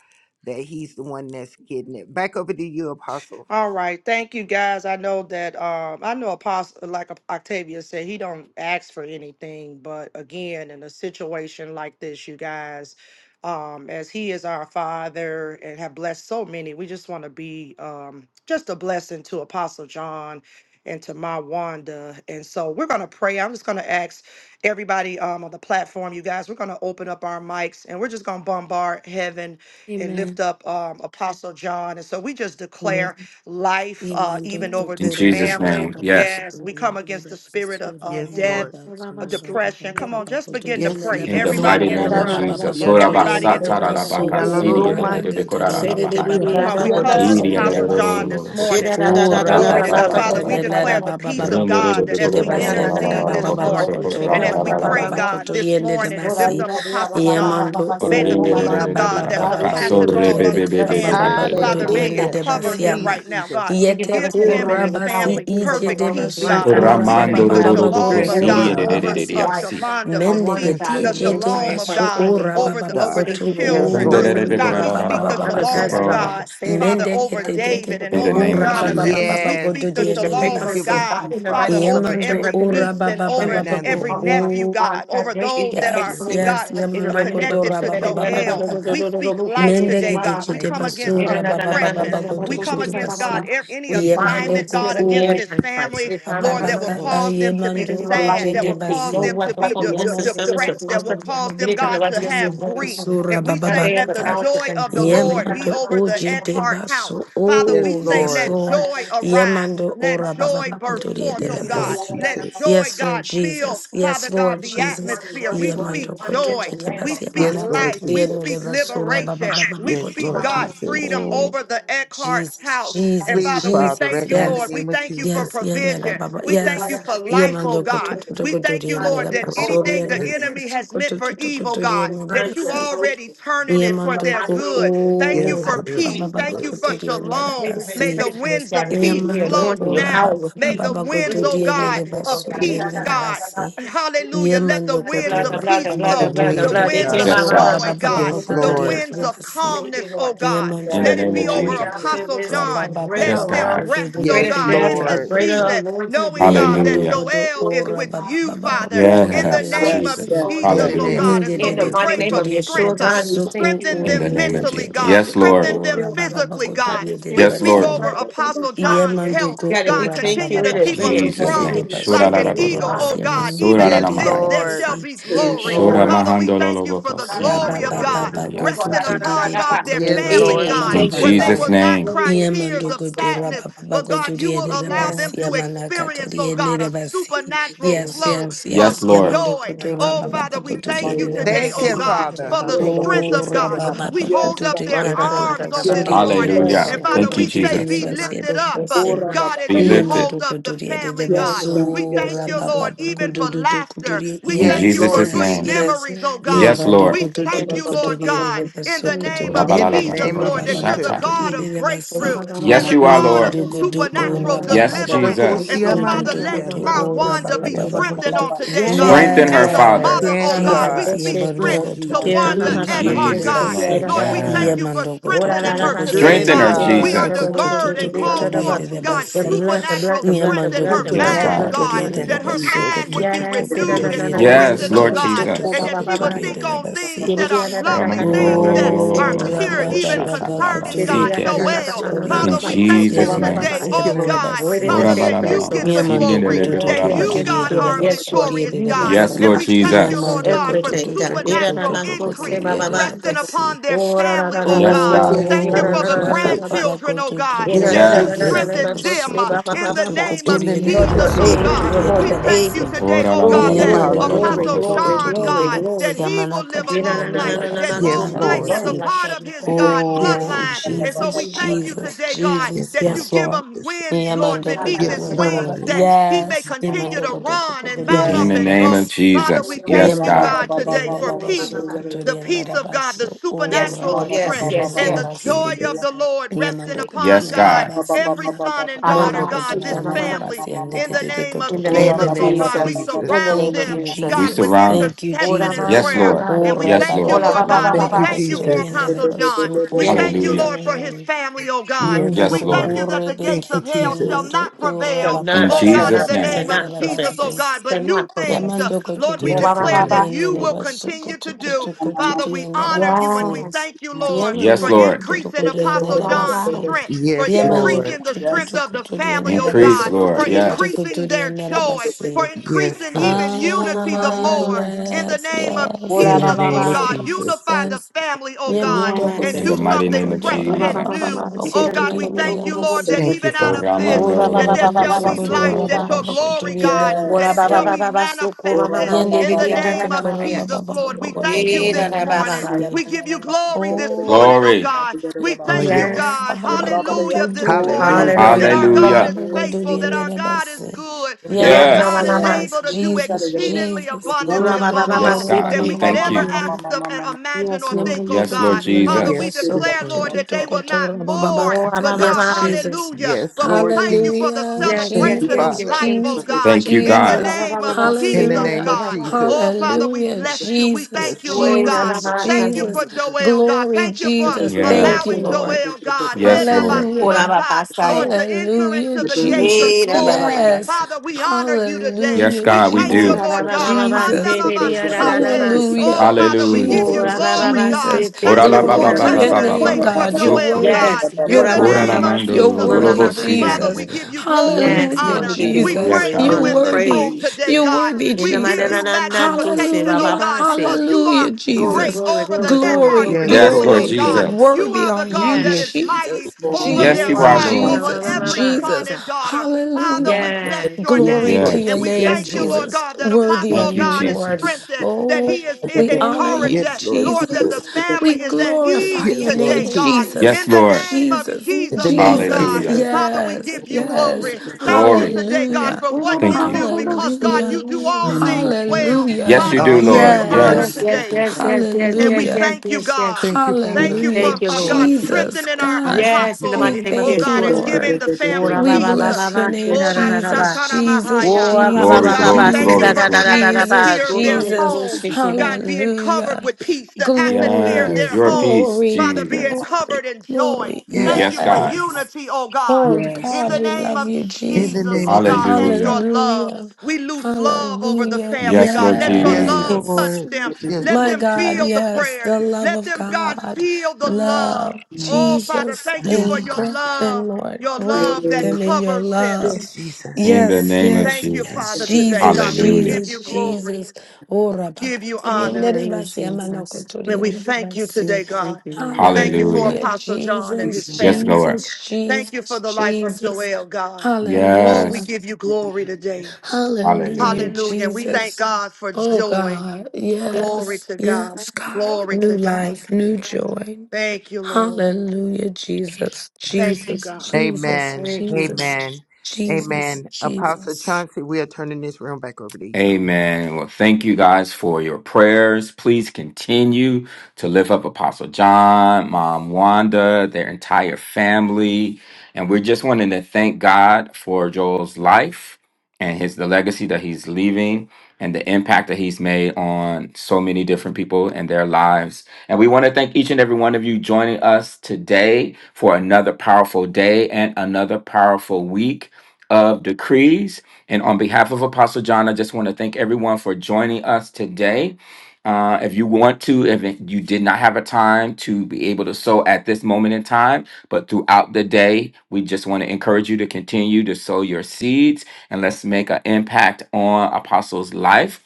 Speaker 1: that he's the one that's getting it. Back over to you, Apostle.
Speaker 6: All right, thank you guys. I know that um I know Apostle like Octavia said he don't ask for anything, but again, in a situation like this, you guys, um as he is our father and have blessed so many, we just want to be um just a blessing to Apostle John and to my Wanda. And so we're going to pray. I'm just going to ask everybody um on the platform, you guys, we're going to open up our mics and we're just going to bombard heaven and
Speaker 5: Amen.
Speaker 6: lift up um Apostle John. And so we just declare life, uh,
Speaker 5: Yemando
Speaker 6: even over
Speaker 3: In
Speaker 6: this
Speaker 5: kotora
Speaker 3: Jesus'
Speaker 5: baba
Speaker 6: family.
Speaker 3: name.
Speaker 5: baba
Speaker 3: Yes.
Speaker 6: Yes, we
Speaker 5: kotori
Speaker 2: Amen.
Speaker 6: come
Speaker 5: nda
Speaker 6: against the spirit of
Speaker 5: basuri
Speaker 6: uh,
Speaker 1: Yes, Lord.
Speaker 6: death,
Speaker 5: baba
Speaker 6: uh,
Speaker 5: sura
Speaker 6: depression.
Speaker 5: baba
Speaker 6: Come on,
Speaker 5: baba
Speaker 6: just begin to
Speaker 5: kotori
Speaker 1: Yes,
Speaker 5: nda da
Speaker 6: pray.
Speaker 3: In
Speaker 1: either
Speaker 3: the
Speaker 1: the
Speaker 5: basi
Speaker 3: mighty
Speaker 2: God,
Speaker 6: Everybody
Speaker 1: whole
Speaker 6: in the
Speaker 3: name
Speaker 1: sea
Speaker 3: of
Speaker 5: baba
Speaker 6: room,
Speaker 1: man
Speaker 2: we
Speaker 5: baba
Speaker 2: thank you
Speaker 3: Jesus.
Speaker 1: see under? do.
Speaker 5: kotori
Speaker 2: for
Speaker 6: everybody
Speaker 5: nda
Speaker 6: in the
Speaker 5: de
Speaker 6: room.
Speaker 1: He
Speaker 5: baso
Speaker 1: a lot of
Speaker 5: ora
Speaker 1: man see
Speaker 5: bakatari nda de
Speaker 3: Sorabasatarabakasidiyerebekorarabahaya.
Speaker 1: and
Speaker 5: baba
Speaker 6: Come on,
Speaker 5: baba
Speaker 1: See
Speaker 6: we cover
Speaker 1: under.
Speaker 5: kotori
Speaker 1: do,
Speaker 5: nda
Speaker 1: see
Speaker 6: Apostle
Speaker 1: and do.
Speaker 5: de
Speaker 6: John this morning.
Speaker 5: O
Speaker 1: Yes,
Speaker 6: Glory to
Speaker 5: rabasa
Speaker 6: God.
Speaker 1: Lord
Speaker 6: Father,
Speaker 3: Iriyaderororororobokosatabrababababa.
Speaker 6: we
Speaker 5: kataria
Speaker 1: Jesus.
Speaker 6: declare
Speaker 5: nara
Speaker 6: the
Speaker 5: baba
Speaker 6: peace of
Speaker 5: baba
Speaker 6: God
Speaker 5: koto
Speaker 6: that as
Speaker 5: jede
Speaker 6: we
Speaker 5: basi nara
Speaker 6: intercede
Speaker 5: baba
Speaker 6: this
Speaker 5: baba
Speaker 6: morning
Speaker 5: koto
Speaker 6: and as
Speaker 5: raba
Speaker 6: we
Speaker 5: baba
Speaker 3: Rinderebekorarararararabokosokorabarararara.
Speaker 6: pray,
Speaker 5: baba
Speaker 6: God,
Speaker 5: koto
Speaker 6: this
Speaker 5: riende de
Speaker 6: morning and lift
Speaker 5: basi
Speaker 6: up Apostle John,
Speaker 5: yemando
Speaker 6: may the
Speaker 5: o
Speaker 6: peace of
Speaker 5: raba
Speaker 6: God that
Speaker 5: baba baba
Speaker 6: surpasses
Speaker 5: koto
Speaker 2: the
Speaker 6: all
Speaker 5: riende de baba
Speaker 2: bless
Speaker 6: understanding,
Speaker 2: the
Speaker 5: baba
Speaker 2: Lord
Speaker 5: koto
Speaker 6: Father, may
Speaker 3: Rindererererabakasorebebebebebebebebebe.
Speaker 2: of
Speaker 5: riende
Speaker 6: it
Speaker 1: Hallelujah.
Speaker 5: de
Speaker 6: cover
Speaker 5: basi
Speaker 6: him
Speaker 2: God.
Speaker 1: Please,
Speaker 5: ama
Speaker 6: right now, God.
Speaker 1: Jesus.
Speaker 2: Thank you,
Speaker 5: yete
Speaker 2: Father,
Speaker 6: Give
Speaker 2: for the
Speaker 5: ko
Speaker 6: him and
Speaker 2: anointing
Speaker 6: his
Speaker 2: the power,
Speaker 5: rabasi
Speaker 2: the
Speaker 6: family
Speaker 2: peace of
Speaker 5: ije
Speaker 6: perfect
Speaker 5: de
Speaker 2: God, and
Speaker 6: peace,
Speaker 1: Please,
Speaker 5: baso
Speaker 2: blacks
Speaker 6: God.
Speaker 2: out
Speaker 5: o
Speaker 2: of
Speaker 1: Father.
Speaker 6: We
Speaker 5: raba
Speaker 2: descending
Speaker 6: speak
Speaker 5: baba
Speaker 6: the
Speaker 2: again.
Speaker 5: baba go
Speaker 2: For
Speaker 6: shalom
Speaker 5: o
Speaker 1: Strength,
Speaker 6: of
Speaker 2: him,
Speaker 1: oh
Speaker 2: it's
Speaker 5: raba
Speaker 6: God
Speaker 5: baba
Speaker 1: God.
Speaker 6: over
Speaker 2: his
Speaker 6: uh,
Speaker 5: basi
Speaker 2: wife.
Speaker 3: Ramandorororobokosidiyerererereasi.
Speaker 6: Shalonda.
Speaker 2: I
Speaker 6: We
Speaker 5: mende
Speaker 6: speak
Speaker 2: wonder
Speaker 1: Strength,
Speaker 2: God,
Speaker 5: gete
Speaker 6: the
Speaker 2: and raised
Speaker 5: jede
Speaker 1: Jesus.
Speaker 2: by
Speaker 6: shalom
Speaker 2: a
Speaker 6: of
Speaker 5: baso o
Speaker 6: God
Speaker 2: family,
Speaker 5: raba
Speaker 2: Holy
Speaker 6: over the
Speaker 2: Spirit,
Speaker 5: baba
Speaker 6: over
Speaker 1: God.
Speaker 6: the
Speaker 2: thank you
Speaker 5: koto o
Speaker 2: Lord, for the
Speaker 1: Yes,
Speaker 6: children.
Speaker 1: Lord
Speaker 6: Jo-
Speaker 2: comfort
Speaker 6: God, we
Speaker 1: Jesus.
Speaker 5: raba
Speaker 6: speak
Speaker 5: baba
Speaker 6: the
Speaker 2: other
Speaker 6: shalom
Speaker 5: baba
Speaker 2: pastors
Speaker 6: of
Speaker 2: are
Speaker 3: Rinderebekorararararabokosokora.
Speaker 6: God,
Speaker 2: understanding.
Speaker 6: Father,
Speaker 5: Mende
Speaker 6: over
Speaker 2: God,
Speaker 5: kete
Speaker 2: we thank
Speaker 5: tete
Speaker 2: you
Speaker 6: David
Speaker 2: for
Speaker 6: and
Speaker 5: ko
Speaker 2: the
Speaker 3: In the
Speaker 6: over
Speaker 2: warning
Speaker 3: name
Speaker 2: of
Speaker 3: of
Speaker 5: ora
Speaker 2: how your
Speaker 5: baba
Speaker 6: Jonathan.
Speaker 5: baba
Speaker 3: Jesus.
Speaker 2: peace.
Speaker 5: baba
Speaker 6: We
Speaker 5: go do
Speaker 6: speak
Speaker 1: Yes.
Speaker 5: di
Speaker 6: the
Speaker 2: Great is your
Speaker 5: ende de
Speaker 1: Please
Speaker 6: shalom of
Speaker 2: faithfulness,
Speaker 1: give
Speaker 2: so
Speaker 1: him
Speaker 5: basi.
Speaker 6: God,
Speaker 2: God,
Speaker 1: peace,
Speaker 2: in the
Speaker 1: Father.
Speaker 2: mighty
Speaker 6: Father,
Speaker 2: name of
Speaker 6: over
Speaker 2: your
Speaker 5: Yemando
Speaker 2: children,
Speaker 6: every
Speaker 2: nothing to
Speaker 5: ora
Speaker 6: niece and
Speaker 5: baba
Speaker 2: stand
Speaker 5: baba
Speaker 6: over
Speaker 1: Right
Speaker 2: and
Speaker 1: now, in
Speaker 2: thank
Speaker 1: the
Speaker 2: you
Speaker 5: bako.
Speaker 6: every
Speaker 1: name
Speaker 2: for
Speaker 1: of
Speaker 2: all my
Speaker 6: nephew,
Speaker 1: Jesus.
Speaker 6: God,
Speaker 2: God.
Speaker 6: over
Speaker 2: God, great
Speaker 5: Oh,
Speaker 2: is
Speaker 6: those
Speaker 2: your
Speaker 6: that are
Speaker 5: yes,
Speaker 1: Yes,
Speaker 2: faithfulness.
Speaker 1: Lord
Speaker 5: yes.
Speaker 6: God
Speaker 1: Jesus.
Speaker 6: as-
Speaker 2: In the
Speaker 6: uh,
Speaker 5: Yemando
Speaker 2: mighty
Speaker 5: ko
Speaker 2: name of
Speaker 5: do
Speaker 2: your
Speaker 6: connected
Speaker 5: ra
Speaker 6: to
Speaker 2: children,
Speaker 5: baba
Speaker 2: in the
Speaker 5: baba
Speaker 2: other, the-
Speaker 6: Joel.
Speaker 2: the- the-
Speaker 5: baka
Speaker 6: We
Speaker 2: the- the- the-
Speaker 6: speak
Speaker 2: the-
Speaker 6: life
Speaker 2: course of the Lord,
Speaker 6: today,
Speaker 5: Mendege
Speaker 2: our
Speaker 5: de
Speaker 6: God. We
Speaker 2: God.
Speaker 5: jede
Speaker 6: come
Speaker 1: Thankful
Speaker 6: against
Speaker 1: God.
Speaker 6: a
Speaker 2: Yeah,
Speaker 5: basura
Speaker 2: na- na-
Speaker 5: baba
Speaker 2: na- na- na-
Speaker 5: baba
Speaker 2: na-
Speaker 1: Yes,
Speaker 6: depression.
Speaker 2: na- na-
Speaker 5: bago
Speaker 2: na-
Speaker 5: do
Speaker 1: Lord
Speaker 6: We
Speaker 2: those
Speaker 6: come
Speaker 1: Jesus.
Speaker 5: jede
Speaker 2: things, na- na-
Speaker 6: against
Speaker 2: na-
Speaker 6: God
Speaker 2: na.
Speaker 5: basi.
Speaker 6: e- any
Speaker 2: We bind the
Speaker 6: assignment,
Speaker 5: Yemandoko
Speaker 6: God,
Speaker 2: spirit of the
Speaker 6: against
Speaker 5: o
Speaker 6: this
Speaker 2: antichrist.
Speaker 6: family,
Speaker 2: Na- na-
Speaker 6: Lord,
Speaker 2: na-
Speaker 6: that
Speaker 2: na-
Speaker 1: Yes,
Speaker 6: will
Speaker 2: na-
Speaker 5: rababaga
Speaker 2: na.
Speaker 1: Lord
Speaker 5: a
Speaker 6: cause
Speaker 1: Jesus.
Speaker 6: them to be
Speaker 2: Satan,
Speaker 5: yemando
Speaker 2: you are
Speaker 5: o
Speaker 2: lying
Speaker 6: sad,
Speaker 2: in
Speaker 6: that
Speaker 5: jede
Speaker 2: your
Speaker 6: will
Speaker 2: feet.
Speaker 6: cause
Speaker 5: basi.
Speaker 2: No
Speaker 6: them to
Speaker 2: weapon
Speaker 6: be de-
Speaker 2: formed against the standards
Speaker 5: Yemandoko
Speaker 2: of
Speaker 6: depressed that will cause them,
Speaker 2: Anytime the
Speaker 6: God,
Speaker 2: West
Speaker 6: to
Speaker 2: Coast
Speaker 6: have
Speaker 2: team
Speaker 5: o
Speaker 6: grief. And
Speaker 5: basura
Speaker 6: we
Speaker 5: baba
Speaker 2: that
Speaker 6: say,
Speaker 2: they
Speaker 5: baga
Speaker 2: have
Speaker 6: let
Speaker 2: the
Speaker 6: the
Speaker 5: ta.
Speaker 2: talent to
Speaker 6: joy
Speaker 2: bring
Speaker 6: of the
Speaker 2: here.
Speaker 6: Lord be
Speaker 5: Yemando
Speaker 6: over
Speaker 5: o
Speaker 6: the
Speaker 5: jede
Speaker 6: Eckhart house.
Speaker 5: baso.
Speaker 6: Father, we
Speaker 1: Yes,
Speaker 5: Oh,
Speaker 6: say,
Speaker 5: yes,
Speaker 6: let
Speaker 1: Lord.
Speaker 5: Lord.
Speaker 6: joy arise.
Speaker 5: Yemando o
Speaker 6: Let
Speaker 5: rababa
Speaker 6: joy
Speaker 5: bago
Speaker 6: burst
Speaker 5: do
Speaker 6: forth,
Speaker 5: jede
Speaker 6: oh
Speaker 1: Yes,
Speaker 6: God.
Speaker 1: Lord
Speaker 5: basi.
Speaker 6: Let
Speaker 1: Jesus.
Speaker 6: joy,
Speaker 5: Yes, Lord
Speaker 6: God, fill,
Speaker 5: Jesus. Yes,
Speaker 6: Father God,
Speaker 5: Lord
Speaker 6: the
Speaker 2: Worthy,
Speaker 5: Jesus.
Speaker 2: worthy,
Speaker 6: atmosphere.
Speaker 2: worthy,
Speaker 6: We
Speaker 2: worthy,
Speaker 5: Yamanto
Speaker 6: speak
Speaker 2: worthy
Speaker 5: koto
Speaker 2: is
Speaker 6: joy.
Speaker 2: the
Speaker 5: chite
Speaker 2: Lamb
Speaker 6: We
Speaker 2: of
Speaker 5: basi
Speaker 6: speak
Speaker 2: God.
Speaker 1: Yes,
Speaker 5: yamana
Speaker 1: Lord
Speaker 6: life.
Speaker 5: katidia
Speaker 6: We speak
Speaker 5: nereva
Speaker 1: Jesus.
Speaker 5: sura baba
Speaker 6: liberation.
Speaker 5: baba
Speaker 6: We
Speaker 1: Yes,
Speaker 6: speak,
Speaker 5: bagoto.
Speaker 1: Lord
Speaker 6: God,
Speaker 1: Jesus.
Speaker 6: freedom
Speaker 5: Oh
Speaker 6: over the Eckhart
Speaker 5: Jesus,
Speaker 6: house. And
Speaker 5: Jesus,
Speaker 1: Please,
Speaker 6: Father, we
Speaker 1: Father,
Speaker 5: Jesus,
Speaker 6: thank
Speaker 1: right
Speaker 6: you,
Speaker 1: now in the
Speaker 6: Lord.
Speaker 5: yes.
Speaker 6: We
Speaker 1: name of
Speaker 6: thank you for
Speaker 1: Jesus.
Speaker 5: Yes, yanera
Speaker 6: provision.
Speaker 5: baba,
Speaker 6: We thank you
Speaker 5: yes.
Speaker 6: for life, oh
Speaker 5: Yamando
Speaker 6: God.
Speaker 5: koto toto
Speaker 6: We
Speaker 5: koto
Speaker 6: thank you, Lord,
Speaker 5: rienera
Speaker 6: that
Speaker 1: Lord
Speaker 5: basuri
Speaker 6: anything
Speaker 2: Over
Speaker 6: the
Speaker 1: Jesus.
Speaker 6: enemy
Speaker 5: yanera
Speaker 6: has meant
Speaker 5: koto
Speaker 6: for
Speaker 5: toto
Speaker 6: evil,
Speaker 5: koto
Speaker 6: God,
Speaker 2: the
Speaker 5: rienera
Speaker 2: mind,
Speaker 6: that you
Speaker 2: your
Speaker 5: basi.
Speaker 2: emotions.
Speaker 6: already turning it
Speaker 2: Think
Speaker 6: for
Speaker 2: about
Speaker 5: Yamando
Speaker 6: their
Speaker 2: why did
Speaker 5: ko
Speaker 2: they
Speaker 6: good.
Speaker 2: look into
Speaker 6: Thank you
Speaker 2: it, how
Speaker 1: Yes,
Speaker 6: for
Speaker 5: ora
Speaker 2: did it
Speaker 1: Lord
Speaker 5: baba
Speaker 6: peace.
Speaker 2: stand there
Speaker 5: baba
Speaker 6: Thank
Speaker 2: for
Speaker 6: you
Speaker 5: koto
Speaker 6: for
Speaker 1: Jesus.
Speaker 2: wisdom?
Speaker 5: rienera
Speaker 6: shalom.
Speaker 2: Thank you for your
Speaker 6: May
Speaker 5: basi.
Speaker 6: the
Speaker 2: faithfulness,
Speaker 6: winds
Speaker 2: God.
Speaker 6: of
Speaker 2: We thank you for
Speaker 6: peace
Speaker 2: your
Speaker 5: Yamando
Speaker 6: flow
Speaker 2: anointing, your
Speaker 5: ora
Speaker 6: now.
Speaker 2: power, your
Speaker 5: baba
Speaker 6: May
Speaker 2: peace.
Speaker 6: the
Speaker 5: baba
Speaker 2: Where
Speaker 6: winds,
Speaker 5: koto
Speaker 2: did
Speaker 6: oh
Speaker 2: your
Speaker 6: God,
Speaker 5: rienera
Speaker 2: faithfulness go,
Speaker 6: of
Speaker 2: God?
Speaker 5: basuri
Speaker 2: Da, da, da, da,
Speaker 6: peace,
Speaker 5: yanera
Speaker 6: God,
Speaker 2: da,
Speaker 5: basi.
Speaker 6: Hallelujah. Let the
Speaker 5: Yemando
Speaker 2: da.
Speaker 6: winds
Speaker 2: Blah,
Speaker 6: of
Speaker 2: blah,
Speaker 5: Kodura,
Speaker 2: blah, blah, blah,
Speaker 6: peace
Speaker 5: Baba
Speaker 2: blah, blah,
Speaker 1: The
Speaker 6: flow,
Speaker 2: blah, blah,
Speaker 5: Koduria
Speaker 6: the
Speaker 1: wind,
Speaker 2: blah.
Speaker 5: de
Speaker 2: They
Speaker 6: winds
Speaker 2: came
Speaker 6: of
Speaker 1: God.
Speaker 2: by
Speaker 3: Yes,
Speaker 2: my
Speaker 5: Basura,
Speaker 3: God.
Speaker 2: mind,
Speaker 5: Baba
Speaker 6: joy,
Speaker 2: I said,
Speaker 5: Baba
Speaker 6: God,
Speaker 2: "Oh,
Speaker 1: Yes,
Speaker 2: my
Speaker 6: the
Speaker 2: God,
Speaker 5: Koduria
Speaker 2: yeah,
Speaker 1: Lord.
Speaker 6: winds
Speaker 5: de
Speaker 2: yeah."
Speaker 6: of
Speaker 5: Basi,
Speaker 2: Thank you,
Speaker 6: calmness, oh
Speaker 2: Lord.
Speaker 6: God.
Speaker 2: You
Speaker 3: In
Speaker 5: Yemando
Speaker 3: the
Speaker 2: shall
Speaker 6: Let
Speaker 2: be
Speaker 6: it
Speaker 3: name of
Speaker 6: be over
Speaker 2: holy
Speaker 3: Jesus.
Speaker 2: after
Speaker 5: O
Speaker 6: Apostle
Speaker 2: this,
Speaker 6: John.
Speaker 2: a
Speaker 5: Rababa Baba
Speaker 6: Let
Speaker 2: greater
Speaker 3: Yes,
Speaker 5: Baba
Speaker 6: them
Speaker 3: God.
Speaker 2: realm, a
Speaker 6: rest,
Speaker 5: Kodudu
Speaker 6: oh
Speaker 2: greater
Speaker 1: Yes,
Speaker 6: God,
Speaker 2: depth,
Speaker 6: in
Speaker 2: a
Speaker 6: this
Speaker 5: Kodudu
Speaker 1: Lord.
Speaker 2: greater
Speaker 5: Kodu,
Speaker 6: season,
Speaker 2: anointing,
Speaker 6: knowing,
Speaker 2: greater
Speaker 6: God, that
Speaker 2: level.
Speaker 5: Yemando
Speaker 3: Hallelujah.
Speaker 5: Kodu
Speaker 6: Joel
Speaker 2: Lord,
Speaker 5: O
Speaker 6: is
Speaker 2: we
Speaker 6: with
Speaker 2: rely
Speaker 5: Rababa
Speaker 6: you,
Speaker 5: Baba Baba
Speaker 2: upon
Speaker 6: Father,
Speaker 2: your
Speaker 6: in
Speaker 5: Koduria
Speaker 6: the
Speaker 2: wonderful
Speaker 3: Yes,
Speaker 5: de
Speaker 2: power
Speaker 6: name
Speaker 2: to
Speaker 6: of
Speaker 2: keep
Speaker 3: Jesus.
Speaker 5: Basi,
Speaker 2: over the
Speaker 1: In
Speaker 6: Jesus,
Speaker 1: the
Speaker 6: oh
Speaker 1: name
Speaker 3: Hallelujah.
Speaker 2: skills.
Speaker 6: God.
Speaker 1: of
Speaker 6: And
Speaker 5: Inde
Speaker 6: so
Speaker 5: de
Speaker 2: In
Speaker 6: we
Speaker 2: the
Speaker 5: de
Speaker 1: Jesus.
Speaker 5: de
Speaker 2: mighty
Speaker 6: pray
Speaker 2: name
Speaker 6: for
Speaker 2: of
Speaker 5: Koduria de
Speaker 2: Yeshua,
Speaker 6: strength. uh,
Speaker 2: God, we
Speaker 5: Basu,
Speaker 2: say
Speaker 5: O
Speaker 2: you
Speaker 6: strengthen
Speaker 5: O
Speaker 3: In
Speaker 2: Never a
Speaker 3: the
Speaker 6: them
Speaker 5: Rie
Speaker 3: name
Speaker 5: de
Speaker 3: of
Speaker 2: beautiful
Speaker 5: de
Speaker 6: mentally,
Speaker 3: Jesus.
Speaker 5: de
Speaker 6: God.
Speaker 3: Yes,
Speaker 2: market.
Speaker 5: Kodu
Speaker 3: Lord.
Speaker 2: This
Speaker 6: Strengthen
Speaker 5: O
Speaker 6: them
Speaker 2: building,
Speaker 5: Rababa
Speaker 6: physically,
Speaker 2: God,
Speaker 6: God.
Speaker 5: Koduria
Speaker 2: this
Speaker 5: de
Speaker 6: We
Speaker 3: Yes,
Speaker 2: building is
Speaker 6: speak
Speaker 2: in
Speaker 3: Lord.
Speaker 6: over
Speaker 5: Basiama.
Speaker 2: front of every
Speaker 6: Apostle
Speaker 2: time.
Speaker 6: John's
Speaker 5: Yemando
Speaker 6: health.
Speaker 5: go
Speaker 2: God, and we
Speaker 6: God,
Speaker 5: ora baba
Speaker 2: thank
Speaker 6: continue
Speaker 2: you
Speaker 5: baba
Speaker 6: to
Speaker 2: in
Speaker 5: baba
Speaker 6: keep him
Speaker 2: advance that
Speaker 5: kuturie
Speaker 3: Jesus'
Speaker 2: we
Speaker 5: de de
Speaker 3: name.
Speaker 2: give
Speaker 6: strong
Speaker 2: you praise,
Speaker 5: basu
Speaker 6: like
Speaker 2: we
Speaker 5: de
Speaker 6: an
Speaker 2: give you
Speaker 5: de
Speaker 6: eagle, oh
Speaker 5: basi
Speaker 2: honor.
Speaker 3: Shura-la-la-ba-da-da-da-da-da-da.
Speaker 6: God.
Speaker 2: We
Speaker 5: yemando
Speaker 2: give
Speaker 6: Even in
Speaker 1: Yes,
Speaker 5: kuturie
Speaker 2: you
Speaker 6: this,
Speaker 5: de de
Speaker 2: glory.
Speaker 3: Sura-la-la-mahai.
Speaker 6: there
Speaker 2: We give
Speaker 1: Lord.
Speaker 6: shall
Speaker 5: basi
Speaker 6: be
Speaker 1: Yes,
Speaker 6: glory.
Speaker 1: Lord.
Speaker 6: Father,
Speaker 5: Oh,
Speaker 6: we thank you for the glory of God
Speaker 5: rabababa godo
Speaker 6: resting
Speaker 3: Shura-mahandololobokosidi-ya-da-da-da-da-da-da-ya-sika.
Speaker 6: upon
Speaker 5: jidede
Speaker 6: God,
Speaker 2: you-
Speaker 6: their
Speaker 5: kodo
Speaker 1: Yes,
Speaker 6: families,
Speaker 1: Lord
Speaker 2: Hey,
Speaker 6: God,
Speaker 3: In
Speaker 5: rabababa
Speaker 2: thank
Speaker 1: Jesus.
Speaker 2: you,
Speaker 6: where they
Speaker 5: godo.
Speaker 3: Jesus'
Speaker 6: will
Speaker 2: Father.
Speaker 6: not
Speaker 3: name.
Speaker 6: cry tears
Speaker 5: Yamando
Speaker 6: of
Speaker 5: godo
Speaker 6: sadness,
Speaker 5: rabababa
Speaker 6: but
Speaker 5: godo
Speaker 6: God, you will
Speaker 5: riede de
Speaker 6: allow them
Speaker 5: basi
Speaker 6: to
Speaker 5: yamana kata
Speaker 6: experience, oh
Speaker 5: riede
Speaker 6: God,
Speaker 5: de
Speaker 6: a
Speaker 5: basi.
Speaker 6: supernatural
Speaker 5: Yes,
Speaker 2: Yes.
Speaker 6: flow
Speaker 5: yes, yes.
Speaker 3: Yes,
Speaker 6: of
Speaker 3: Lord.
Speaker 5: Yamando
Speaker 6: joy.
Speaker 5: godo
Speaker 6: Oh
Speaker 5: rabababa
Speaker 6: Father, we
Speaker 5: godo
Speaker 6: thank
Speaker 5: riede
Speaker 6: you today,
Speaker 1: Thank
Speaker 5: de
Speaker 6: oh
Speaker 1: you,
Speaker 6: God, for
Speaker 1: Father.
Speaker 6: the
Speaker 1: Thank you,
Speaker 6: strength
Speaker 5: O
Speaker 6: of
Speaker 1: Jesus.
Speaker 6: God.
Speaker 5: Rabba Baba
Speaker 6: We hold up
Speaker 5: Kududu
Speaker 6: their
Speaker 5: Edede
Speaker 6: arms on
Speaker 5: Basuri
Speaker 6: this
Speaker 5: Edede
Speaker 6: morning
Speaker 3: Hallelujah.
Speaker 6: and
Speaker 5: Basoko
Speaker 6: Father,
Speaker 3: Thank you,
Speaker 6: we
Speaker 5: Tudi
Speaker 6: say,
Speaker 5: Edede
Speaker 3: Jesus.
Speaker 6: be
Speaker 5: Basi Edede
Speaker 6: lifted up, uh,
Speaker 5: Basi
Speaker 6: God, as
Speaker 3: Be
Speaker 6: you
Speaker 5: Yema
Speaker 3: lifted
Speaker 6: hold
Speaker 5: Doko
Speaker 6: up the
Speaker 5: Duri Edede
Speaker 6: family, God. We
Speaker 5: Basu
Speaker 6: thank you,
Speaker 5: Rabba
Speaker 6: Lord,
Speaker 5: Baba
Speaker 6: even for
Speaker 5: Kududu Doko
Speaker 6: laughter.
Speaker 5: Duri
Speaker 6: We
Speaker 3: in
Speaker 6: thank
Speaker 1: Yes,
Speaker 6: you
Speaker 5: Yes,
Speaker 6: for
Speaker 3: Jesus'
Speaker 1: Lord
Speaker 2: Yes,
Speaker 6: good
Speaker 5: yes,
Speaker 3: name.
Speaker 1: Jesus.
Speaker 5: yes
Speaker 6: memories, oh God.
Speaker 3: Yes,
Speaker 5: Yema
Speaker 3: Lord.
Speaker 5: Doko
Speaker 6: We
Speaker 5: Dudu
Speaker 6: thank you,
Speaker 5: Doko
Speaker 6: Lord
Speaker 5: Duri
Speaker 6: God,
Speaker 5: Edede
Speaker 6: in the
Speaker 5: Basoko
Speaker 6: name
Speaker 5: Dudu
Speaker 6: of
Speaker 1: In the
Speaker 5: Doko Duri
Speaker 6: Jesus,
Speaker 1: name of
Speaker 6: Lord,
Speaker 5: Rabba
Speaker 6: that you're
Speaker 5: Baba
Speaker 6: the
Speaker 3: Ura-ba-la-la-ba-la-ba-ko-shata.
Speaker 1: Jesus.
Speaker 5: Kuduri
Speaker 6: God of
Speaker 5: Edede Basi
Speaker 6: breakthrough and
Speaker 3: Yes,
Speaker 6: the
Speaker 3: you are,
Speaker 6: God of
Speaker 3: Lord.
Speaker 5: Yamadugudu
Speaker 6: supernatural
Speaker 5: ora
Speaker 3: Yes,
Speaker 5: baba
Speaker 1: Yes,
Speaker 6: deliverance. And
Speaker 3: Jesus.
Speaker 6: so, Father, let
Speaker 5: dududugudu
Speaker 6: my
Speaker 5: ora
Speaker 6: Wanda
Speaker 5: baba
Speaker 6: be
Speaker 5: baba
Speaker 1: Lord
Speaker 6: strengthened
Speaker 5: dugudu.
Speaker 6: on today,
Speaker 1: Jesus.
Speaker 6: God
Speaker 3: Strengthen her,
Speaker 6: as a
Speaker 3: Father.
Speaker 6: mother,
Speaker 5: Yes,
Speaker 6: oh
Speaker 1: Strength,
Speaker 6: God. We
Speaker 5: Jesus.
Speaker 1: God.
Speaker 6: speak strength
Speaker 1: Strength,
Speaker 5: Yamandugudu
Speaker 6: to
Speaker 1: Jesus.
Speaker 6: Wanda
Speaker 3: In
Speaker 5: dudugudu
Speaker 1: Please,
Speaker 6: Eckhart,
Speaker 1: Jesus.
Speaker 3: Jesus'
Speaker 6: God.
Speaker 5: riedebasi.
Speaker 3: name.
Speaker 6: Lord, we thank you for
Speaker 3: Yes.
Speaker 5: Yamandugudu
Speaker 6: strengthening her
Speaker 5: dudugudu
Speaker 6: today,
Speaker 1: Strength,
Speaker 3: Strengthen her,
Speaker 6: God. We
Speaker 1: God.
Speaker 3: Jesus.
Speaker 5: riedebasukutu
Speaker 6: undergird and
Speaker 5: dudugudu
Speaker 6: call forth,
Speaker 1: Strength,
Speaker 6: God,
Speaker 1: Jesus.
Speaker 5: riedebasi.
Speaker 6: supernatural strength in
Speaker 5: Yamando
Speaker 6: her
Speaker 3: Yes,
Speaker 5: Cototo
Speaker 1: Supernatural
Speaker 6: mind,
Speaker 3: God.
Speaker 6: God,
Speaker 5: Cotoria de
Speaker 1: strength,
Speaker 5: la
Speaker 6: that her
Speaker 5: Basso
Speaker 1: Jesus.
Speaker 6: mind would be
Speaker 5: Cototo
Speaker 6: renewed
Speaker 1: Yes,
Speaker 6: and
Speaker 5: Cotoria de
Speaker 1: Lord
Speaker 5: la
Speaker 3: Yes,
Speaker 6: strengthened, oh
Speaker 5: Basso
Speaker 1: Jesus.
Speaker 3: Lord
Speaker 6: God, and
Speaker 5: Cototo
Speaker 3: Jesus.
Speaker 6: that she would
Speaker 5: Cotoria
Speaker 6: think
Speaker 5: de la
Speaker 6: on things
Speaker 5: Bassi.
Speaker 2: Where is
Speaker 6: that are lovely,
Speaker 2: the
Speaker 6: things that
Speaker 5: Oh,
Speaker 6: are
Speaker 1: Yes,
Speaker 6: pure,
Speaker 5: Rabba
Speaker 1: Lord
Speaker 6: even even
Speaker 5: Baba
Speaker 1: Jesus.
Speaker 6: concerning
Speaker 5: Cotoria
Speaker 6: God,
Speaker 5: de la
Speaker 1: Yes,
Speaker 6: Joel.
Speaker 1: Lord.
Speaker 5: Bassoria de
Speaker 3: In
Speaker 6: Father,
Speaker 5: la
Speaker 6: we thank
Speaker 5: Bassia
Speaker 6: you
Speaker 3: Jesus'
Speaker 5: de la
Speaker 3: name.
Speaker 6: today,
Speaker 1: Thank
Speaker 5: Bassia
Speaker 1: you,
Speaker 5: de
Speaker 6: oh
Speaker 5: la
Speaker 1: Lord
Speaker 6: God,
Speaker 5: Bassi.
Speaker 1: Jesus.
Speaker 6: Father, that you
Speaker 2: faithfulness, oh
Speaker 6: get the
Speaker 2: God?
Speaker 5: Yamando
Speaker 6: glory,
Speaker 2: In the way
Speaker 6: that
Speaker 5: Cototo
Speaker 2: they look
Speaker 6: you,
Speaker 1: Yes,
Speaker 2: at
Speaker 5: Cotoria
Speaker 6: God,
Speaker 5: de la
Speaker 2: you,
Speaker 1: Jesus.
Speaker 6: are a
Speaker 2: yes, Lord,
Speaker 5: Bassoria
Speaker 6: victorious
Speaker 5: de
Speaker 2: you
Speaker 5: la
Speaker 2: be
Speaker 6: God.
Speaker 3: Yes,
Speaker 5: Bassi.
Speaker 6: And
Speaker 3: Lord
Speaker 1: Yes,
Speaker 2: glorified
Speaker 6: we thank you,
Speaker 1: Jesus.
Speaker 3: Jesus.
Speaker 2: on
Speaker 6: Lord
Speaker 5: Yamando
Speaker 6: God, for
Speaker 2: everything,
Speaker 5: Cototo
Speaker 2: God.
Speaker 6: supernatural
Speaker 5: Cototo
Speaker 6: increase
Speaker 5: Cotoria de la
Speaker 6: resting
Speaker 5: Bassi.
Speaker 6: upon their
Speaker 2: Oh, ra ra ra
Speaker 6: family,
Speaker 2: ra
Speaker 6: oh
Speaker 2: ba,
Speaker 3: Yes,
Speaker 2: go
Speaker 6: God.
Speaker 2: se
Speaker 3: God.
Speaker 1: Yes,
Speaker 2: de
Speaker 6: Thank
Speaker 2: ra
Speaker 6: you
Speaker 2: ra
Speaker 1: Lord
Speaker 6: for
Speaker 5: Oh,
Speaker 2: ra
Speaker 6: the
Speaker 2: ra ra
Speaker 5: rabba
Speaker 2: ra
Speaker 1: Jesus.
Speaker 2: ba.
Speaker 5: baba
Speaker 6: grandchildren,
Speaker 5: go
Speaker 6: oh
Speaker 5: to to
Speaker 6: God,
Speaker 2: Eh,
Speaker 5: to
Speaker 2: ra
Speaker 5: go
Speaker 2: ra
Speaker 1: Yes,
Speaker 6: that
Speaker 2: ra
Speaker 6: you
Speaker 5: to
Speaker 2: ra
Speaker 5: the
Speaker 2: ra
Speaker 5: end
Speaker 3: Yes.
Speaker 2: ra
Speaker 5: of
Speaker 1: Jesus.
Speaker 2: ra ra,
Speaker 6: strengthen
Speaker 5: the
Speaker 2: go
Speaker 5: so
Speaker 6: them
Speaker 2: se
Speaker 6: uh,
Speaker 5: go
Speaker 2: ba
Speaker 5: to
Speaker 2: ba
Speaker 6: in
Speaker 2: ba
Speaker 5: to
Speaker 6: the
Speaker 2: ba
Speaker 5: to
Speaker 2: ba.
Speaker 5: go
Speaker 6: name
Speaker 5: to
Speaker 1: In
Speaker 6: of
Speaker 5: the
Speaker 1: the
Speaker 5: end of
Speaker 6: Jesus.
Speaker 1: name
Speaker 2: Lord,
Speaker 5: the
Speaker 1: of
Speaker 6: Jesus,
Speaker 2: you're
Speaker 5: so
Speaker 6: oh
Speaker 5: go to
Speaker 2: able,
Speaker 1: Jesus.
Speaker 6: God.
Speaker 5: the
Speaker 2: you're
Speaker 5: end
Speaker 2: more
Speaker 6: We
Speaker 2: than
Speaker 5: of the
Speaker 6: thank you
Speaker 2: able.
Speaker 5: sea.
Speaker 6: today, oh
Speaker 2: Oh,
Speaker 1: Thank
Speaker 6: God,
Speaker 1: you,
Speaker 6: that
Speaker 2: glory,
Speaker 5: Yamando go
Speaker 1: Father.
Speaker 5: to
Speaker 2: glory,
Speaker 6: Apostle
Speaker 5: to to go
Speaker 2: glory,
Speaker 5: to
Speaker 6: John,
Speaker 5: the end of
Speaker 2: glory,
Speaker 6: God,
Speaker 5: the
Speaker 6: that
Speaker 2: glory.
Speaker 5: sea.
Speaker 6: he will live a
Speaker 2: You know,
Speaker 5: Yamanakatari
Speaker 2: no,
Speaker 6: long
Speaker 5: and
Speaker 2: no, no,
Speaker 6: life,
Speaker 2: no, no,
Speaker 6: that
Speaker 2: no,
Speaker 5: Narabasi and
Speaker 1: Yes,
Speaker 2: so
Speaker 6: long
Speaker 2: cool.
Speaker 6: life is
Speaker 1: Lord.
Speaker 2: Yeah,
Speaker 6: a
Speaker 5: Narabasi.
Speaker 2: like
Speaker 6: part
Speaker 2: that.
Speaker 6: of
Speaker 2: We
Speaker 6: his
Speaker 2: say it.
Speaker 6: God
Speaker 1: Yes,
Speaker 5: Oh,
Speaker 6: bloodline.
Speaker 1: Jesus.
Speaker 6: And so we
Speaker 5: Jesus,
Speaker 6: thank you
Speaker 5: Jesus,
Speaker 6: today, God,
Speaker 5: Jesus.
Speaker 1: Yes,
Speaker 6: that
Speaker 1: Lord
Speaker 6: you
Speaker 5: Yes,
Speaker 6: give
Speaker 5: Lord.
Speaker 6: him
Speaker 1: Jesus.
Speaker 5: Yes. Yes.
Speaker 6: winds, Lord,
Speaker 5: Yamando go to
Speaker 6: beneath
Speaker 5: to
Speaker 6: his
Speaker 1: Yes,
Speaker 6: wings,
Speaker 1: Lord.
Speaker 6: that he may
Speaker 5: to
Speaker 6: continue
Speaker 5: go
Speaker 6: to run
Speaker 5: to
Speaker 6: and
Speaker 5: the
Speaker 6: mount
Speaker 3: In
Speaker 6: up
Speaker 1: Yes.
Speaker 3: the
Speaker 6: and
Speaker 3: name of
Speaker 6: go.
Speaker 5: Narabasi.
Speaker 6: Father,
Speaker 3: Jesus.
Speaker 6: we
Speaker 3: Yes,
Speaker 6: thank you,
Speaker 5: Yamando
Speaker 3: God.
Speaker 6: God, today
Speaker 5: Kotorianda
Speaker 6: for peace
Speaker 5: Rabaso,
Speaker 6: the
Speaker 5: Kotorianda
Speaker 6: peace of God, the
Speaker 5: Rabaso, O
Speaker 2: Yes,
Speaker 6: supernatural
Speaker 2: Lord. Yes,
Speaker 6: strength,
Speaker 2: yes,
Speaker 1: Yes,
Speaker 5: Rabakatarianda
Speaker 6: and
Speaker 2: yes.
Speaker 6: the
Speaker 1: Lord
Speaker 6: joy
Speaker 5: Rabasi,
Speaker 6: of
Speaker 1: Jesus.
Speaker 6: the Lord resting
Speaker 5: Yamando
Speaker 6: upon
Speaker 3: Yes,
Speaker 5: Kotorianda
Speaker 6: God,
Speaker 3: God.
Speaker 6: every
Speaker 5: Rabasiama,
Speaker 6: son and daughter,
Speaker 5: Mondo
Speaker 6: God, this
Speaker 5: Kotorianda
Speaker 2: Alabasika,
Speaker 6: family.
Speaker 5: Rabasi, and the
Speaker 6: In the
Speaker 5: Dede
Speaker 6: name of
Speaker 2: In the
Speaker 1: In
Speaker 2: name
Speaker 1: the
Speaker 6: Jesus,
Speaker 5: Kotorianda
Speaker 2: of
Speaker 6: oh
Speaker 1: name of
Speaker 6: God,
Speaker 5: Rabasi.
Speaker 6: we
Speaker 2: Jesus. In
Speaker 1: Jesus.
Speaker 2: the
Speaker 6: surround
Speaker 2: name
Speaker 5: Thank
Speaker 2: of
Speaker 5: you,
Speaker 6: them,
Speaker 2: Jesus.
Speaker 3: We
Speaker 6: God, with
Speaker 5: Jesus.
Speaker 3: surround them.
Speaker 5: Thank you,
Speaker 6: intercession
Speaker 2: Ora
Speaker 6: and
Speaker 2: ma
Speaker 5: Jesus.
Speaker 3: Yes,
Speaker 2: na
Speaker 6: prayer.
Speaker 3: Lord.
Speaker 2: ma.
Speaker 5: O
Speaker 6: And we
Speaker 3: Yes,
Speaker 6: thank you,
Speaker 3: Lord.
Speaker 2: Ora ba
Speaker 6: Lord
Speaker 2: ba ba
Speaker 6: God.
Speaker 5: Rabakatarianda
Speaker 2: ba
Speaker 6: We
Speaker 1: Thank you,
Speaker 2: ba.
Speaker 6: thank you
Speaker 2: si.
Speaker 6: for
Speaker 5: Rabastorianda
Speaker 1: Jesus.
Speaker 6: Apostle John.
Speaker 5: Rabaso,
Speaker 6: We thank
Speaker 2: Yes.
Speaker 6: you,
Speaker 3: Hallelujah.
Speaker 6: Lord, for his
Speaker 5: O
Speaker 6: family, oh God.
Speaker 1: Yes,
Speaker 5: Mondo
Speaker 6: We
Speaker 3: Yes,
Speaker 5: Ko
Speaker 6: thank
Speaker 3: Lord.
Speaker 1: Lord.
Speaker 6: you
Speaker 5: O
Speaker 6: that the gates
Speaker 1: Thank you,
Speaker 6: of
Speaker 5: Rebekete,
Speaker 6: hell shall
Speaker 1: Jesus.
Speaker 5: Mondo
Speaker 6: not
Speaker 5: O
Speaker 2: Shall
Speaker 6: prevail,
Speaker 3: In
Speaker 6: oh
Speaker 2: not, shall
Speaker 6: God, in
Speaker 2: not,
Speaker 3: Jesus'
Speaker 6: the
Speaker 3: name.
Speaker 2: shall
Speaker 6: name of
Speaker 5: Rabakatarianda
Speaker 2: not
Speaker 6: Jesus,
Speaker 2: prevail.
Speaker 6: oh
Speaker 5: Rabasi.
Speaker 6: God. But
Speaker 2: Shall
Speaker 6: new
Speaker 2: not prevail.
Speaker 6: things, uh,
Speaker 5: Yamando koto
Speaker 6: Lord, we
Speaker 5: toto
Speaker 2: Ora
Speaker 1: Yes,
Speaker 2: ba
Speaker 6: declare
Speaker 5: koto
Speaker 2: ba
Speaker 1: Lord.
Speaker 6: that
Speaker 2: ba. si.
Speaker 6: you
Speaker 5: yandere
Speaker 6: will
Speaker 5: baso
Speaker 6: continue
Speaker 5: koto
Speaker 6: to do.
Speaker 5: toto koto
Speaker 6: Father,
Speaker 5: to
Speaker 6: we
Speaker 5: yandere
Speaker 6: honor you and
Speaker 5: basi.
Speaker 6: we
Speaker 2: Yes.
Speaker 6: thank you, Lord,
Speaker 5: Yamando
Speaker 3: Yes,
Speaker 6: for
Speaker 5: koto
Speaker 3: Lord.
Speaker 5: toto
Speaker 6: increasing
Speaker 5: koto
Speaker 6: Apostle
Speaker 5: yandere
Speaker 2: Ora ba
Speaker 6: John's
Speaker 5: basi.
Speaker 2: ba.
Speaker 6: strength, for
Speaker 1: Yes,
Speaker 5: Yamando
Speaker 1: Lord.
Speaker 6: increasing the
Speaker 5: koto
Speaker 6: strength
Speaker 5: toto
Speaker 6: of the
Speaker 5: koto
Speaker 6: family,
Speaker 5: yandere
Speaker 6: oh
Speaker 5: baso
Speaker 3: Increase,
Speaker 6: God, for
Speaker 3: Lord.
Speaker 5: koto toto
Speaker 3: Yes.
Speaker 5: koto
Speaker 6: increasing their
Speaker 5: yandere
Speaker 6: joy,
Speaker 5: basi.
Speaker 6: for
Speaker 1: Yes,
Speaker 6: increasing
Speaker 1: Lord.
Speaker 6: even
Speaker 2: Yes.
Speaker 6: unity the
Speaker 5: Ah
Speaker 6: more in the
Speaker 5: yes
Speaker 6: name of
Speaker 5: yes
Speaker 1: In the
Speaker 6: Jesus, oh
Speaker 1: name of
Speaker 5: yes
Speaker 6: God.
Speaker 1: Jesus.
Speaker 5: yes
Speaker 6: Unify the
Speaker 5: yes.
Speaker 6: family, oh God,
Speaker 5: Yamando
Speaker 6: and
Speaker 5: koto
Speaker 3: In the
Speaker 6: do
Speaker 3: mighty
Speaker 5: toto
Speaker 6: something
Speaker 3: name of
Speaker 5: koto
Speaker 6: fresh
Speaker 5: raba
Speaker 6: and
Speaker 5: ba ba
Speaker 3: Jesus.
Speaker 5: ba
Speaker 6: new
Speaker 5: ba
Speaker 6: Oh
Speaker 5: koto
Speaker 6: God, we
Speaker 5: yandere
Speaker 6: thank you, Lord,
Speaker 5: basi.
Speaker 6: that
Speaker 1: Thank you,
Speaker 6: even out
Speaker 1: Father.
Speaker 6: of this,
Speaker 5: Yamando
Speaker 6: that
Speaker 5: koto
Speaker 6: there shall
Speaker 5: toto
Speaker 6: be
Speaker 5: koto
Speaker 6: life,
Speaker 5: raba
Speaker 6: that
Speaker 5: ba
Speaker 6: your
Speaker 5: ba koto
Speaker 6: glory, God,
Speaker 5: yandere
Speaker 6: that it
Speaker 5: basi.
Speaker 6: shall be manifested in the
Speaker 5: Yendere
Speaker 6: name of
Speaker 5: kotora baba
Speaker 6: Jesus,
Speaker 5: baba
Speaker 6: Lord. We
Speaker 5: koto
Speaker 6: thank you this
Speaker 5: yendere
Speaker 6: morning.
Speaker 5: basi.
Speaker 6: We give you glory this
Speaker 5: Oh,
Speaker 6: morning, oh
Speaker 3: Glory.
Speaker 6: God. We
Speaker 1: Oh,
Speaker 6: thank you,
Speaker 5: yamandura
Speaker 1: yes.
Speaker 2: Yes.
Speaker 6: God.
Speaker 5: baba baba koto
Speaker 6: Hallelujah
Speaker 5: do
Speaker 6: this
Speaker 5: do
Speaker 6: morning.
Speaker 5: ora
Speaker 1: Hallelujah.
Speaker 6: That
Speaker 2: Hallelujah.
Speaker 6: our
Speaker 5: baba
Speaker 6: God is
Speaker 3: Hallelujah.
Speaker 5: baba koto
Speaker 6: faithful, that our
Speaker 5: yendere
Speaker 6: God is
Speaker 5: basi.
Speaker 6: good, that our
Speaker 2: Yes,
Speaker 5: Yes,
Speaker 6: God
Speaker 2: Mama
Speaker 3: Yes.
Speaker 6: is
Speaker 2: Mama.
Speaker 6: able
Speaker 5: yes,
Speaker 6: to do
Speaker 5: Jesus,
Speaker 6: exceedingly
Speaker 5: Jesus.
Speaker 6: abundantly
Speaker 5: Mando
Speaker 6: above
Speaker 3: Yes,
Speaker 6: all
Speaker 2: Yes,
Speaker 5: kotora
Speaker 3: God.
Speaker 6: that
Speaker 5: baba
Speaker 3: We
Speaker 6: we could
Speaker 5: baba
Speaker 3: thank
Speaker 6: ever
Speaker 3: you.
Speaker 6: ask
Speaker 5: koto
Speaker 6: asked of and imagine or
Speaker 2: Lord.
Speaker 5: Yes,
Speaker 6: think, oh
Speaker 3: Yes, Lord
Speaker 6: God. Father, we
Speaker 1: Yes,
Speaker 3: Jesus.
Speaker 6: declare,
Speaker 1: Lord.
Speaker 6: Lord, that they will not mourn,
Speaker 2: Oh,
Speaker 6: but God,
Speaker 2: Mama.
Speaker 5: Jesus.
Speaker 6: hallelujah.
Speaker 1: Yes,
Speaker 6: But we
Speaker 1: Lord
Speaker 6: thank you for the
Speaker 5: Hallelujah.
Speaker 2: Yes,
Speaker 1: Thank
Speaker 2: yes,
Speaker 1: you,
Speaker 6: celebration
Speaker 2: yes,
Speaker 6: of
Speaker 5: Jesus,
Speaker 2: yes,
Speaker 1: Father.
Speaker 6: life,
Speaker 2: yes.
Speaker 6: oh
Speaker 5: Jesus,
Speaker 6: God,
Speaker 3: Thank you,
Speaker 6: in the
Speaker 3: God.
Speaker 5: Jesus.
Speaker 6: name of
Speaker 1: In the
Speaker 6: Jesus,
Speaker 1: name
Speaker 5: Hallelujah.
Speaker 1: of
Speaker 6: God.
Speaker 1: Jesus.
Speaker 6: Oh, Father, we
Speaker 5: Hallelujah.
Speaker 6: bless you. We
Speaker 5: Jesus,
Speaker 6: thank
Speaker 1: Yes,
Speaker 6: you,
Speaker 1: Lord.
Speaker 6: Lord God.
Speaker 5: Jesus,
Speaker 6: Thank you
Speaker 5: Jesus.
Speaker 6: for Joel, God.
Speaker 5: Glory,
Speaker 6: Thank you for
Speaker 5: Jesus.
Speaker 3: Yes.
Speaker 5: Thank
Speaker 2: Thank you,
Speaker 5: you,
Speaker 6: allowing
Speaker 2: Lord.
Speaker 5: Lord.
Speaker 6: Joel, God,
Speaker 3: Yes,
Speaker 6: Hela
Speaker 3: Lord.
Speaker 2: Ora
Speaker 5: Hallelujah.
Speaker 6: bashata,
Speaker 2: baba
Speaker 6: Lord,
Speaker 2: saya.
Speaker 6: to enter
Speaker 5: Hallelujah,
Speaker 6: into the gates of
Speaker 5: Jesus.
Speaker 2: Ira baba
Speaker 6: glory.
Speaker 5: Yes.
Speaker 2: babas.
Speaker 6: Father, we honor you today.
Speaker 3: Yes,
Speaker 5: Hallelujah,
Speaker 6: We
Speaker 3: God, we
Speaker 6: thank you,
Speaker 3: do.
Speaker 2: Ora
Speaker 5: Jesus,
Speaker 6: Lord
Speaker 2: baba
Speaker 6: God.
Speaker 2: baba
Speaker 5: Jesus.
Speaker 6: Handala
Speaker 2: siri ira ira
Speaker 6: bashande.
Speaker 2: masa.
Speaker 6: Oh,
Speaker 5: Hallelujah.
Speaker 6: Father, we give
Speaker 3: Hallelujah.
Speaker 6: you
Speaker 5: Jesus,
Speaker 2: Ora baba
Speaker 6: glory,
Speaker 2: baba
Speaker 6: God.
Speaker 2: siri
Speaker 5: Jesus.
Speaker 3: Ora
Speaker 6: Thank you
Speaker 3: la ba
Speaker 6: for
Speaker 5: Glory
Speaker 3: ba
Speaker 6: a
Speaker 2: ira
Speaker 5: to
Speaker 3: ba ba
Speaker 5: your
Speaker 3: ba
Speaker 6: resting
Speaker 2: masa.
Speaker 3: ba ba
Speaker 5: name,
Speaker 6: place
Speaker 3: ba
Speaker 6: for
Speaker 3: ba.
Speaker 5: God. You're
Speaker 6: Joel,
Speaker 3: Soko.
Speaker 5: worthy.
Speaker 6: God.
Speaker 2: Yes.
Speaker 5: You're
Speaker 6: In
Speaker 2: Ora
Speaker 6: the
Speaker 3: Ora
Speaker 2: baba
Speaker 3: la
Speaker 6: name
Speaker 5: worthy.
Speaker 2: baba
Speaker 6: of
Speaker 3: mando
Speaker 5: You're
Speaker 3: ro-
Speaker 2: soko
Speaker 6: Jesus,
Speaker 3: ro- ro-
Speaker 2: mama
Speaker 3: bo
Speaker 5: worthy,
Speaker 6: Lord.
Speaker 2: mama
Speaker 3: city
Speaker 2: ya.
Speaker 3: and
Speaker 6: Father,
Speaker 3: da-
Speaker 5: Jesus.
Speaker 3: da-
Speaker 6: we
Speaker 3: da-
Speaker 6: give
Speaker 3: da-
Speaker 6: you
Speaker 3: da.
Speaker 6: glory and
Speaker 2: Yes,
Speaker 5: Hallelujah,
Speaker 2: Lord, we
Speaker 6: honor.
Speaker 2: give you
Speaker 6: We
Speaker 3: Yes,
Speaker 5: Jesus.
Speaker 2: glory,
Speaker 6: praise
Speaker 3: God.
Speaker 6: you
Speaker 5: You're
Speaker 2: honor,
Speaker 6: in
Speaker 2: and
Speaker 6: this
Speaker 5: worthy.
Speaker 6: room
Speaker 2: praise.
Speaker 6: today,
Speaker 5: You're
Speaker 6: God.
Speaker 5: worthy,
Speaker 2: In
Speaker 6: We
Speaker 2: the mighty
Speaker 6: give
Speaker 2: name
Speaker 5: Jesus.
Speaker 2: of
Speaker 6: you
Speaker 2: Nanto se
Speaker 6: magnification, oh
Speaker 2: baba
Speaker 5: Hallelujah.
Speaker 6: God,
Speaker 2: baba se.
Speaker 6: because you are
Speaker 5: Hallelujah,
Speaker 6: great
Speaker 2: Glory,
Speaker 6: great
Speaker 5: Jesus.
Speaker 2: glory,
Speaker 6: over the
Speaker 2: glory, glory,
Speaker 6: Eckhart
Speaker 5: Glory,
Speaker 2: glory,
Speaker 1: Yes,
Speaker 2: glory,
Speaker 3: Yes,
Speaker 6: family,
Speaker 3: Lord
Speaker 6: oh
Speaker 1: Lord.
Speaker 5: glory.
Speaker 2: glory,
Speaker 6: God.
Speaker 2: glory.
Speaker 3: Jesus.
Speaker 6: You
Speaker 5: Worthy
Speaker 6: are the
Speaker 5: are
Speaker 6: God
Speaker 5: you,
Speaker 2: Yes.
Speaker 6: that is
Speaker 1: Yes, Je-
Speaker 6: mighty
Speaker 5: Jesus.
Speaker 6: over
Speaker 3: Yes,
Speaker 6: their
Speaker 3: you
Speaker 5: Jesus,
Speaker 2: Ora
Speaker 3: are,
Speaker 6: lives,
Speaker 3: Lord.
Speaker 2: masa
Speaker 6: over
Speaker 2: mama
Speaker 5: Jesus,
Speaker 6: every
Speaker 2: mama
Speaker 6: son
Speaker 5: Jesus.
Speaker 2: masa.
Speaker 6: and daughter. Father,
Speaker 5: Hallelujah.
Speaker 6: we bless
Speaker 2: Yes.
Speaker 6: your
Speaker 1: yes,
Speaker 5: Glory
Speaker 6: name
Speaker 5: to
Speaker 1: Lord
Speaker 5: your
Speaker 6: and we
Speaker 3: Yes.
Speaker 5: name,
Speaker 2: Yes,
Speaker 1: Jesus.
Speaker 6: thank you,
Speaker 2: Lord.
Speaker 6: Lord
Speaker 5: Jesus.
Speaker 6: God, that
Speaker 5: Worthy are
Speaker 6: Apostle
Speaker 3: Thank you,
Speaker 5: you,
Speaker 6: God is
Speaker 5: Lord.
Speaker 3: Jesus.
Speaker 6: strengthened, that
Speaker 5: Oh,
Speaker 6: he is e-
Speaker 5: we honor
Speaker 2: Yes.
Speaker 6: encouraged,
Speaker 5: you,
Speaker 1: Yes,
Speaker 6: that
Speaker 1: Lord
Speaker 6: Lord, that the
Speaker 5: Jesus.
Speaker 1: Jesus.
Speaker 2: Yes, yes, yes, yes, yes,
Speaker 6: family
Speaker 5: We
Speaker 6: is at
Speaker 5: glorify
Speaker 6: ease
Speaker 5: your
Speaker 1: Yes, Lord
Speaker 5: name,
Speaker 6: today, God.
Speaker 1: Jesus.
Speaker 5: Jesus.
Speaker 6: In
Speaker 3: Yes,
Speaker 6: the
Speaker 3: Lord.
Speaker 6: name of
Speaker 5: Jesus,
Speaker 1: In
Speaker 6: Jesus,
Speaker 1: the name
Speaker 6: oh
Speaker 1: of
Speaker 5: Jesus.
Speaker 6: God,
Speaker 1: Jesus.
Speaker 3: Hallelujah.
Speaker 6: Father, we
Speaker 5: Yes,
Speaker 6: give you
Speaker 5: yes.
Speaker 6: glory. Thank you
Speaker 3: Glory.
Speaker 6: today, God,
Speaker 5: Hallelujah.
Speaker 6: for what you
Speaker 3: Thank you.
Speaker 6: do because, God, you
Speaker 5: Hallelujah.
Speaker 6: do all things well.
Speaker 3: Yes,
Speaker 5: Hallelujah.
Speaker 3: you
Speaker 6: Father,
Speaker 3: do,
Speaker 1: All
Speaker 6: we give
Speaker 3: Lord.
Speaker 6: you
Speaker 1: things
Speaker 6: honor
Speaker 1: well.
Speaker 3: Yes.
Speaker 5: Yes.
Speaker 6: today.
Speaker 2: yes,
Speaker 6: And we
Speaker 5: Hallelujah.
Speaker 2: yes,
Speaker 6: thank you,
Speaker 2: yes, yes.
Speaker 6: God.
Speaker 1: Thank you,
Speaker 6: Thank
Speaker 1: Father.
Speaker 6: you
Speaker 5: Hallelujah.
Speaker 6: for
Speaker 2: Thank you,
Speaker 6: uh, God
Speaker 2: Lord.
Speaker 5: Jesus,
Speaker 6: strengthening our
Speaker 5: God,
Speaker 1: Thank
Speaker 2: Yes,
Speaker 1: you,
Speaker 2: in the
Speaker 6: apostle,
Speaker 5: we
Speaker 2: mighty
Speaker 1: Jesus.
Speaker 2: name of
Speaker 6: oh
Speaker 5: thank you,
Speaker 6: God,
Speaker 2: Yeshua.
Speaker 6: and
Speaker 5: Lord.
Speaker 6: giving the
Speaker 2: Oh,
Speaker 6: family
Speaker 2: ra,
Speaker 5: We
Speaker 2: ba, ba,
Speaker 6: peace.
Speaker 2: ba, ba,
Speaker 5: bless your
Speaker 2: ba, shi,
Speaker 5: name,
Speaker 2: da,
Speaker 6: Oh,
Speaker 2: da,
Speaker 6: by
Speaker 2: da, da, ba.
Speaker 5: Jesus,
Speaker 6: Shatana
Speaker 5: Jesus,
Speaker 2: Oh,
Speaker 6: Mahaya.
Speaker 2: ra, ba, ba,
Speaker 3: Glory,
Speaker 2: ba,
Speaker 5: Jesus,
Speaker 6: God,
Speaker 2: ba,
Speaker 1: Thank
Speaker 6: we
Speaker 1: you,
Speaker 2: ba,
Speaker 3: glory,
Speaker 2: shi,
Speaker 6: thank you
Speaker 2: da,
Speaker 3: glory,
Speaker 1: Jesus.
Speaker 5: Jesus,
Speaker 6: for
Speaker 2: da, da,
Speaker 6: the
Speaker 3: glory.
Speaker 2: da, da, da,
Speaker 5: Jesus,
Speaker 2: ba.
Speaker 6: atmosphere of
Speaker 2: Do, do,
Speaker 6: their
Speaker 2: do, do,
Speaker 5: Jesus.
Speaker 2: do,
Speaker 6: home.
Speaker 2: shi, shi, da.
Speaker 6: God, being covered
Speaker 5: Hallelujah.
Speaker 6: with peace, the atmosphere of
Speaker 5: Glory,
Speaker 3: Yes.
Speaker 6: their
Speaker 1: Yes,
Speaker 3: Your
Speaker 1: Lord.
Speaker 6: home,
Speaker 3: peace,
Speaker 5: glory,
Speaker 6: Father, being
Speaker 3: Jesus.
Speaker 2: Yes,
Speaker 5: glory,
Speaker 6: covered in joy.
Speaker 5: glory.
Speaker 6: Thank
Speaker 1: Yes,
Speaker 3: Yes,
Speaker 6: you for
Speaker 1: Jesus.
Speaker 3: God.
Speaker 5: Yes.
Speaker 6: unity, oh God.
Speaker 5: Oh
Speaker 6: In
Speaker 5: God,
Speaker 6: the
Speaker 5: we
Speaker 6: name
Speaker 5: love
Speaker 6: of
Speaker 5: you,
Speaker 1: In the
Speaker 6: Jesus,
Speaker 5: Jesus.
Speaker 1: name
Speaker 6: oh
Speaker 1: of
Speaker 6: God,
Speaker 1: Jesus.
Speaker 6: and your
Speaker 3: Hallelujah.
Speaker 6: love.
Speaker 5: Hallelujah.
Speaker 6: We loose love over the
Speaker 5: Hallelujah.
Speaker 6: family,
Speaker 3: Yes,
Speaker 6: God.
Speaker 3: Lord
Speaker 6: Let your
Speaker 2: yes,
Speaker 1: Yes,
Speaker 6: love
Speaker 3: Jesus.
Speaker 2: yes, yes, yes, yes.
Speaker 5: Yes.
Speaker 2: yes,
Speaker 6: touch
Speaker 1: Lord.
Speaker 6: them.
Speaker 2: yes,
Speaker 1: Yes,
Speaker 2: yes,
Speaker 6: Let
Speaker 5: My
Speaker 2: yes.
Speaker 1: Lord
Speaker 6: them
Speaker 1: Jesus.
Speaker 5: God,
Speaker 6: feel the
Speaker 5: yes,
Speaker 6: prayers.
Speaker 5: the love
Speaker 6: Let
Speaker 5: of
Speaker 6: them, God,
Speaker 5: God,
Speaker 6: feel the love.
Speaker 5: love,
Speaker 6: Oh, Father,
Speaker 5: Jesus,
Speaker 6: thank you for
Speaker 1: Yes,
Speaker 6: your
Speaker 5: engrap
Speaker 6: love,
Speaker 5: them, Lord,
Speaker 6: your
Speaker 5: wrap
Speaker 6: love that
Speaker 5: them in your
Speaker 6: covers them.
Speaker 5: love.
Speaker 1: yes, Jesus.
Speaker 3: In the
Speaker 5: Yes,
Speaker 3: name of
Speaker 5: yes,
Speaker 6: Thank you,
Speaker 5: yes,
Speaker 6: Father,
Speaker 3: Jesus.
Speaker 6: today,
Speaker 5: Jesus,
Speaker 6: God. We
Speaker 3: Hallelujah.
Speaker 6: give
Speaker 5: Jesus,
Speaker 6: you glory,
Speaker 5: Jesus. Oh,
Speaker 6: give you
Speaker 2: In the
Speaker 6: honor,
Speaker 2: name of Jesus.
Speaker 6: and we thank you today,
Speaker 5: Rabakatirianerabasiamanokotorianerabasi.
Speaker 2: Thank
Speaker 6: God.
Speaker 2: you, Lord.
Speaker 6: Thank you for
Speaker 3: Hallelujah.
Speaker 5: Hallelujah,
Speaker 6: Apostle John and
Speaker 5: Jesus,
Speaker 6: his
Speaker 3: Yes,
Speaker 6: family.
Speaker 3: Lord.
Speaker 5: Jesus,
Speaker 6: Thank you for
Speaker 5: Jesus,
Speaker 6: the life of
Speaker 5: Jesus.
Speaker 6: Joel, God. Oh, we
Speaker 5: Hallelujah,
Speaker 3: Yes.
Speaker 6: give you glory today.
Speaker 5: hallelujah,
Speaker 3: Hallelujah.
Speaker 6: Hallelujah. We
Speaker 5: Jesus.
Speaker 6: thank God for
Speaker 5: Oh
Speaker 6: joy.
Speaker 5: God,
Speaker 6: Glory
Speaker 5: yes,
Speaker 6: to God.
Speaker 5: yes, God,
Speaker 6: Glory
Speaker 5: new
Speaker 6: to God.
Speaker 5: life, new joy.
Speaker 6: Thank you, Lord.
Speaker 5: Hallelujah, Jesus,
Speaker 6: Thank you,
Speaker 5: Jesus,
Speaker 6: God.
Speaker 5: Jesus,
Speaker 1: Amen.
Speaker 6: Thank you.
Speaker 5: Jesus,
Speaker 1: Amen.
Speaker 5: Jesus,
Speaker 1: Amen. Apostle
Speaker 5: Jesus.
Speaker 1: Chauncey, we are turning this room back over to you.
Speaker 3: Amen. Well, thank you guys for your prayers. Please continue to lift up Apostle John, Mom Wanda, their entire family. And we're just wanting to thank God for Joel's life and his the legacy that he's leaving and the impact that he's made on so many different people and their lives. And we want to thank each and every one of you joining us today for another powerful day and another powerful week of decrees. And on behalf of Apostle John, I just want to thank everyone for joining us today. Uh, if you want to, if you did not have a time to be able to sow at this moment in time, but throughout the day, we just want to encourage you to continue to sow your seeds and let's make an impact on Apostle's life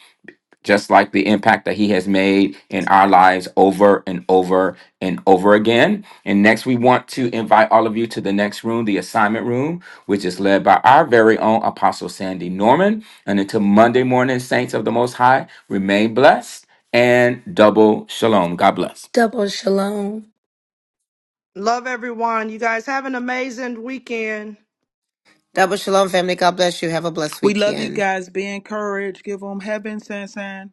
Speaker 3: just like the impact that he has made in our lives over and over and over again. And next, we want to invite all of you to the next room, the assignment room, which is led by our very own Apostle Sandy Norman. And until Monday morning, Saints of the Most High, remain blessed and double shalom. God bless.
Speaker 5: Double shalom.
Speaker 6: Love everyone. You guys have an amazing weekend.
Speaker 2: Double shalom, family. God bless you. Have a blessed
Speaker 4: We love you
Speaker 2: weekend.
Speaker 4: guys. Be encouraged. Give them heaven, Sansan.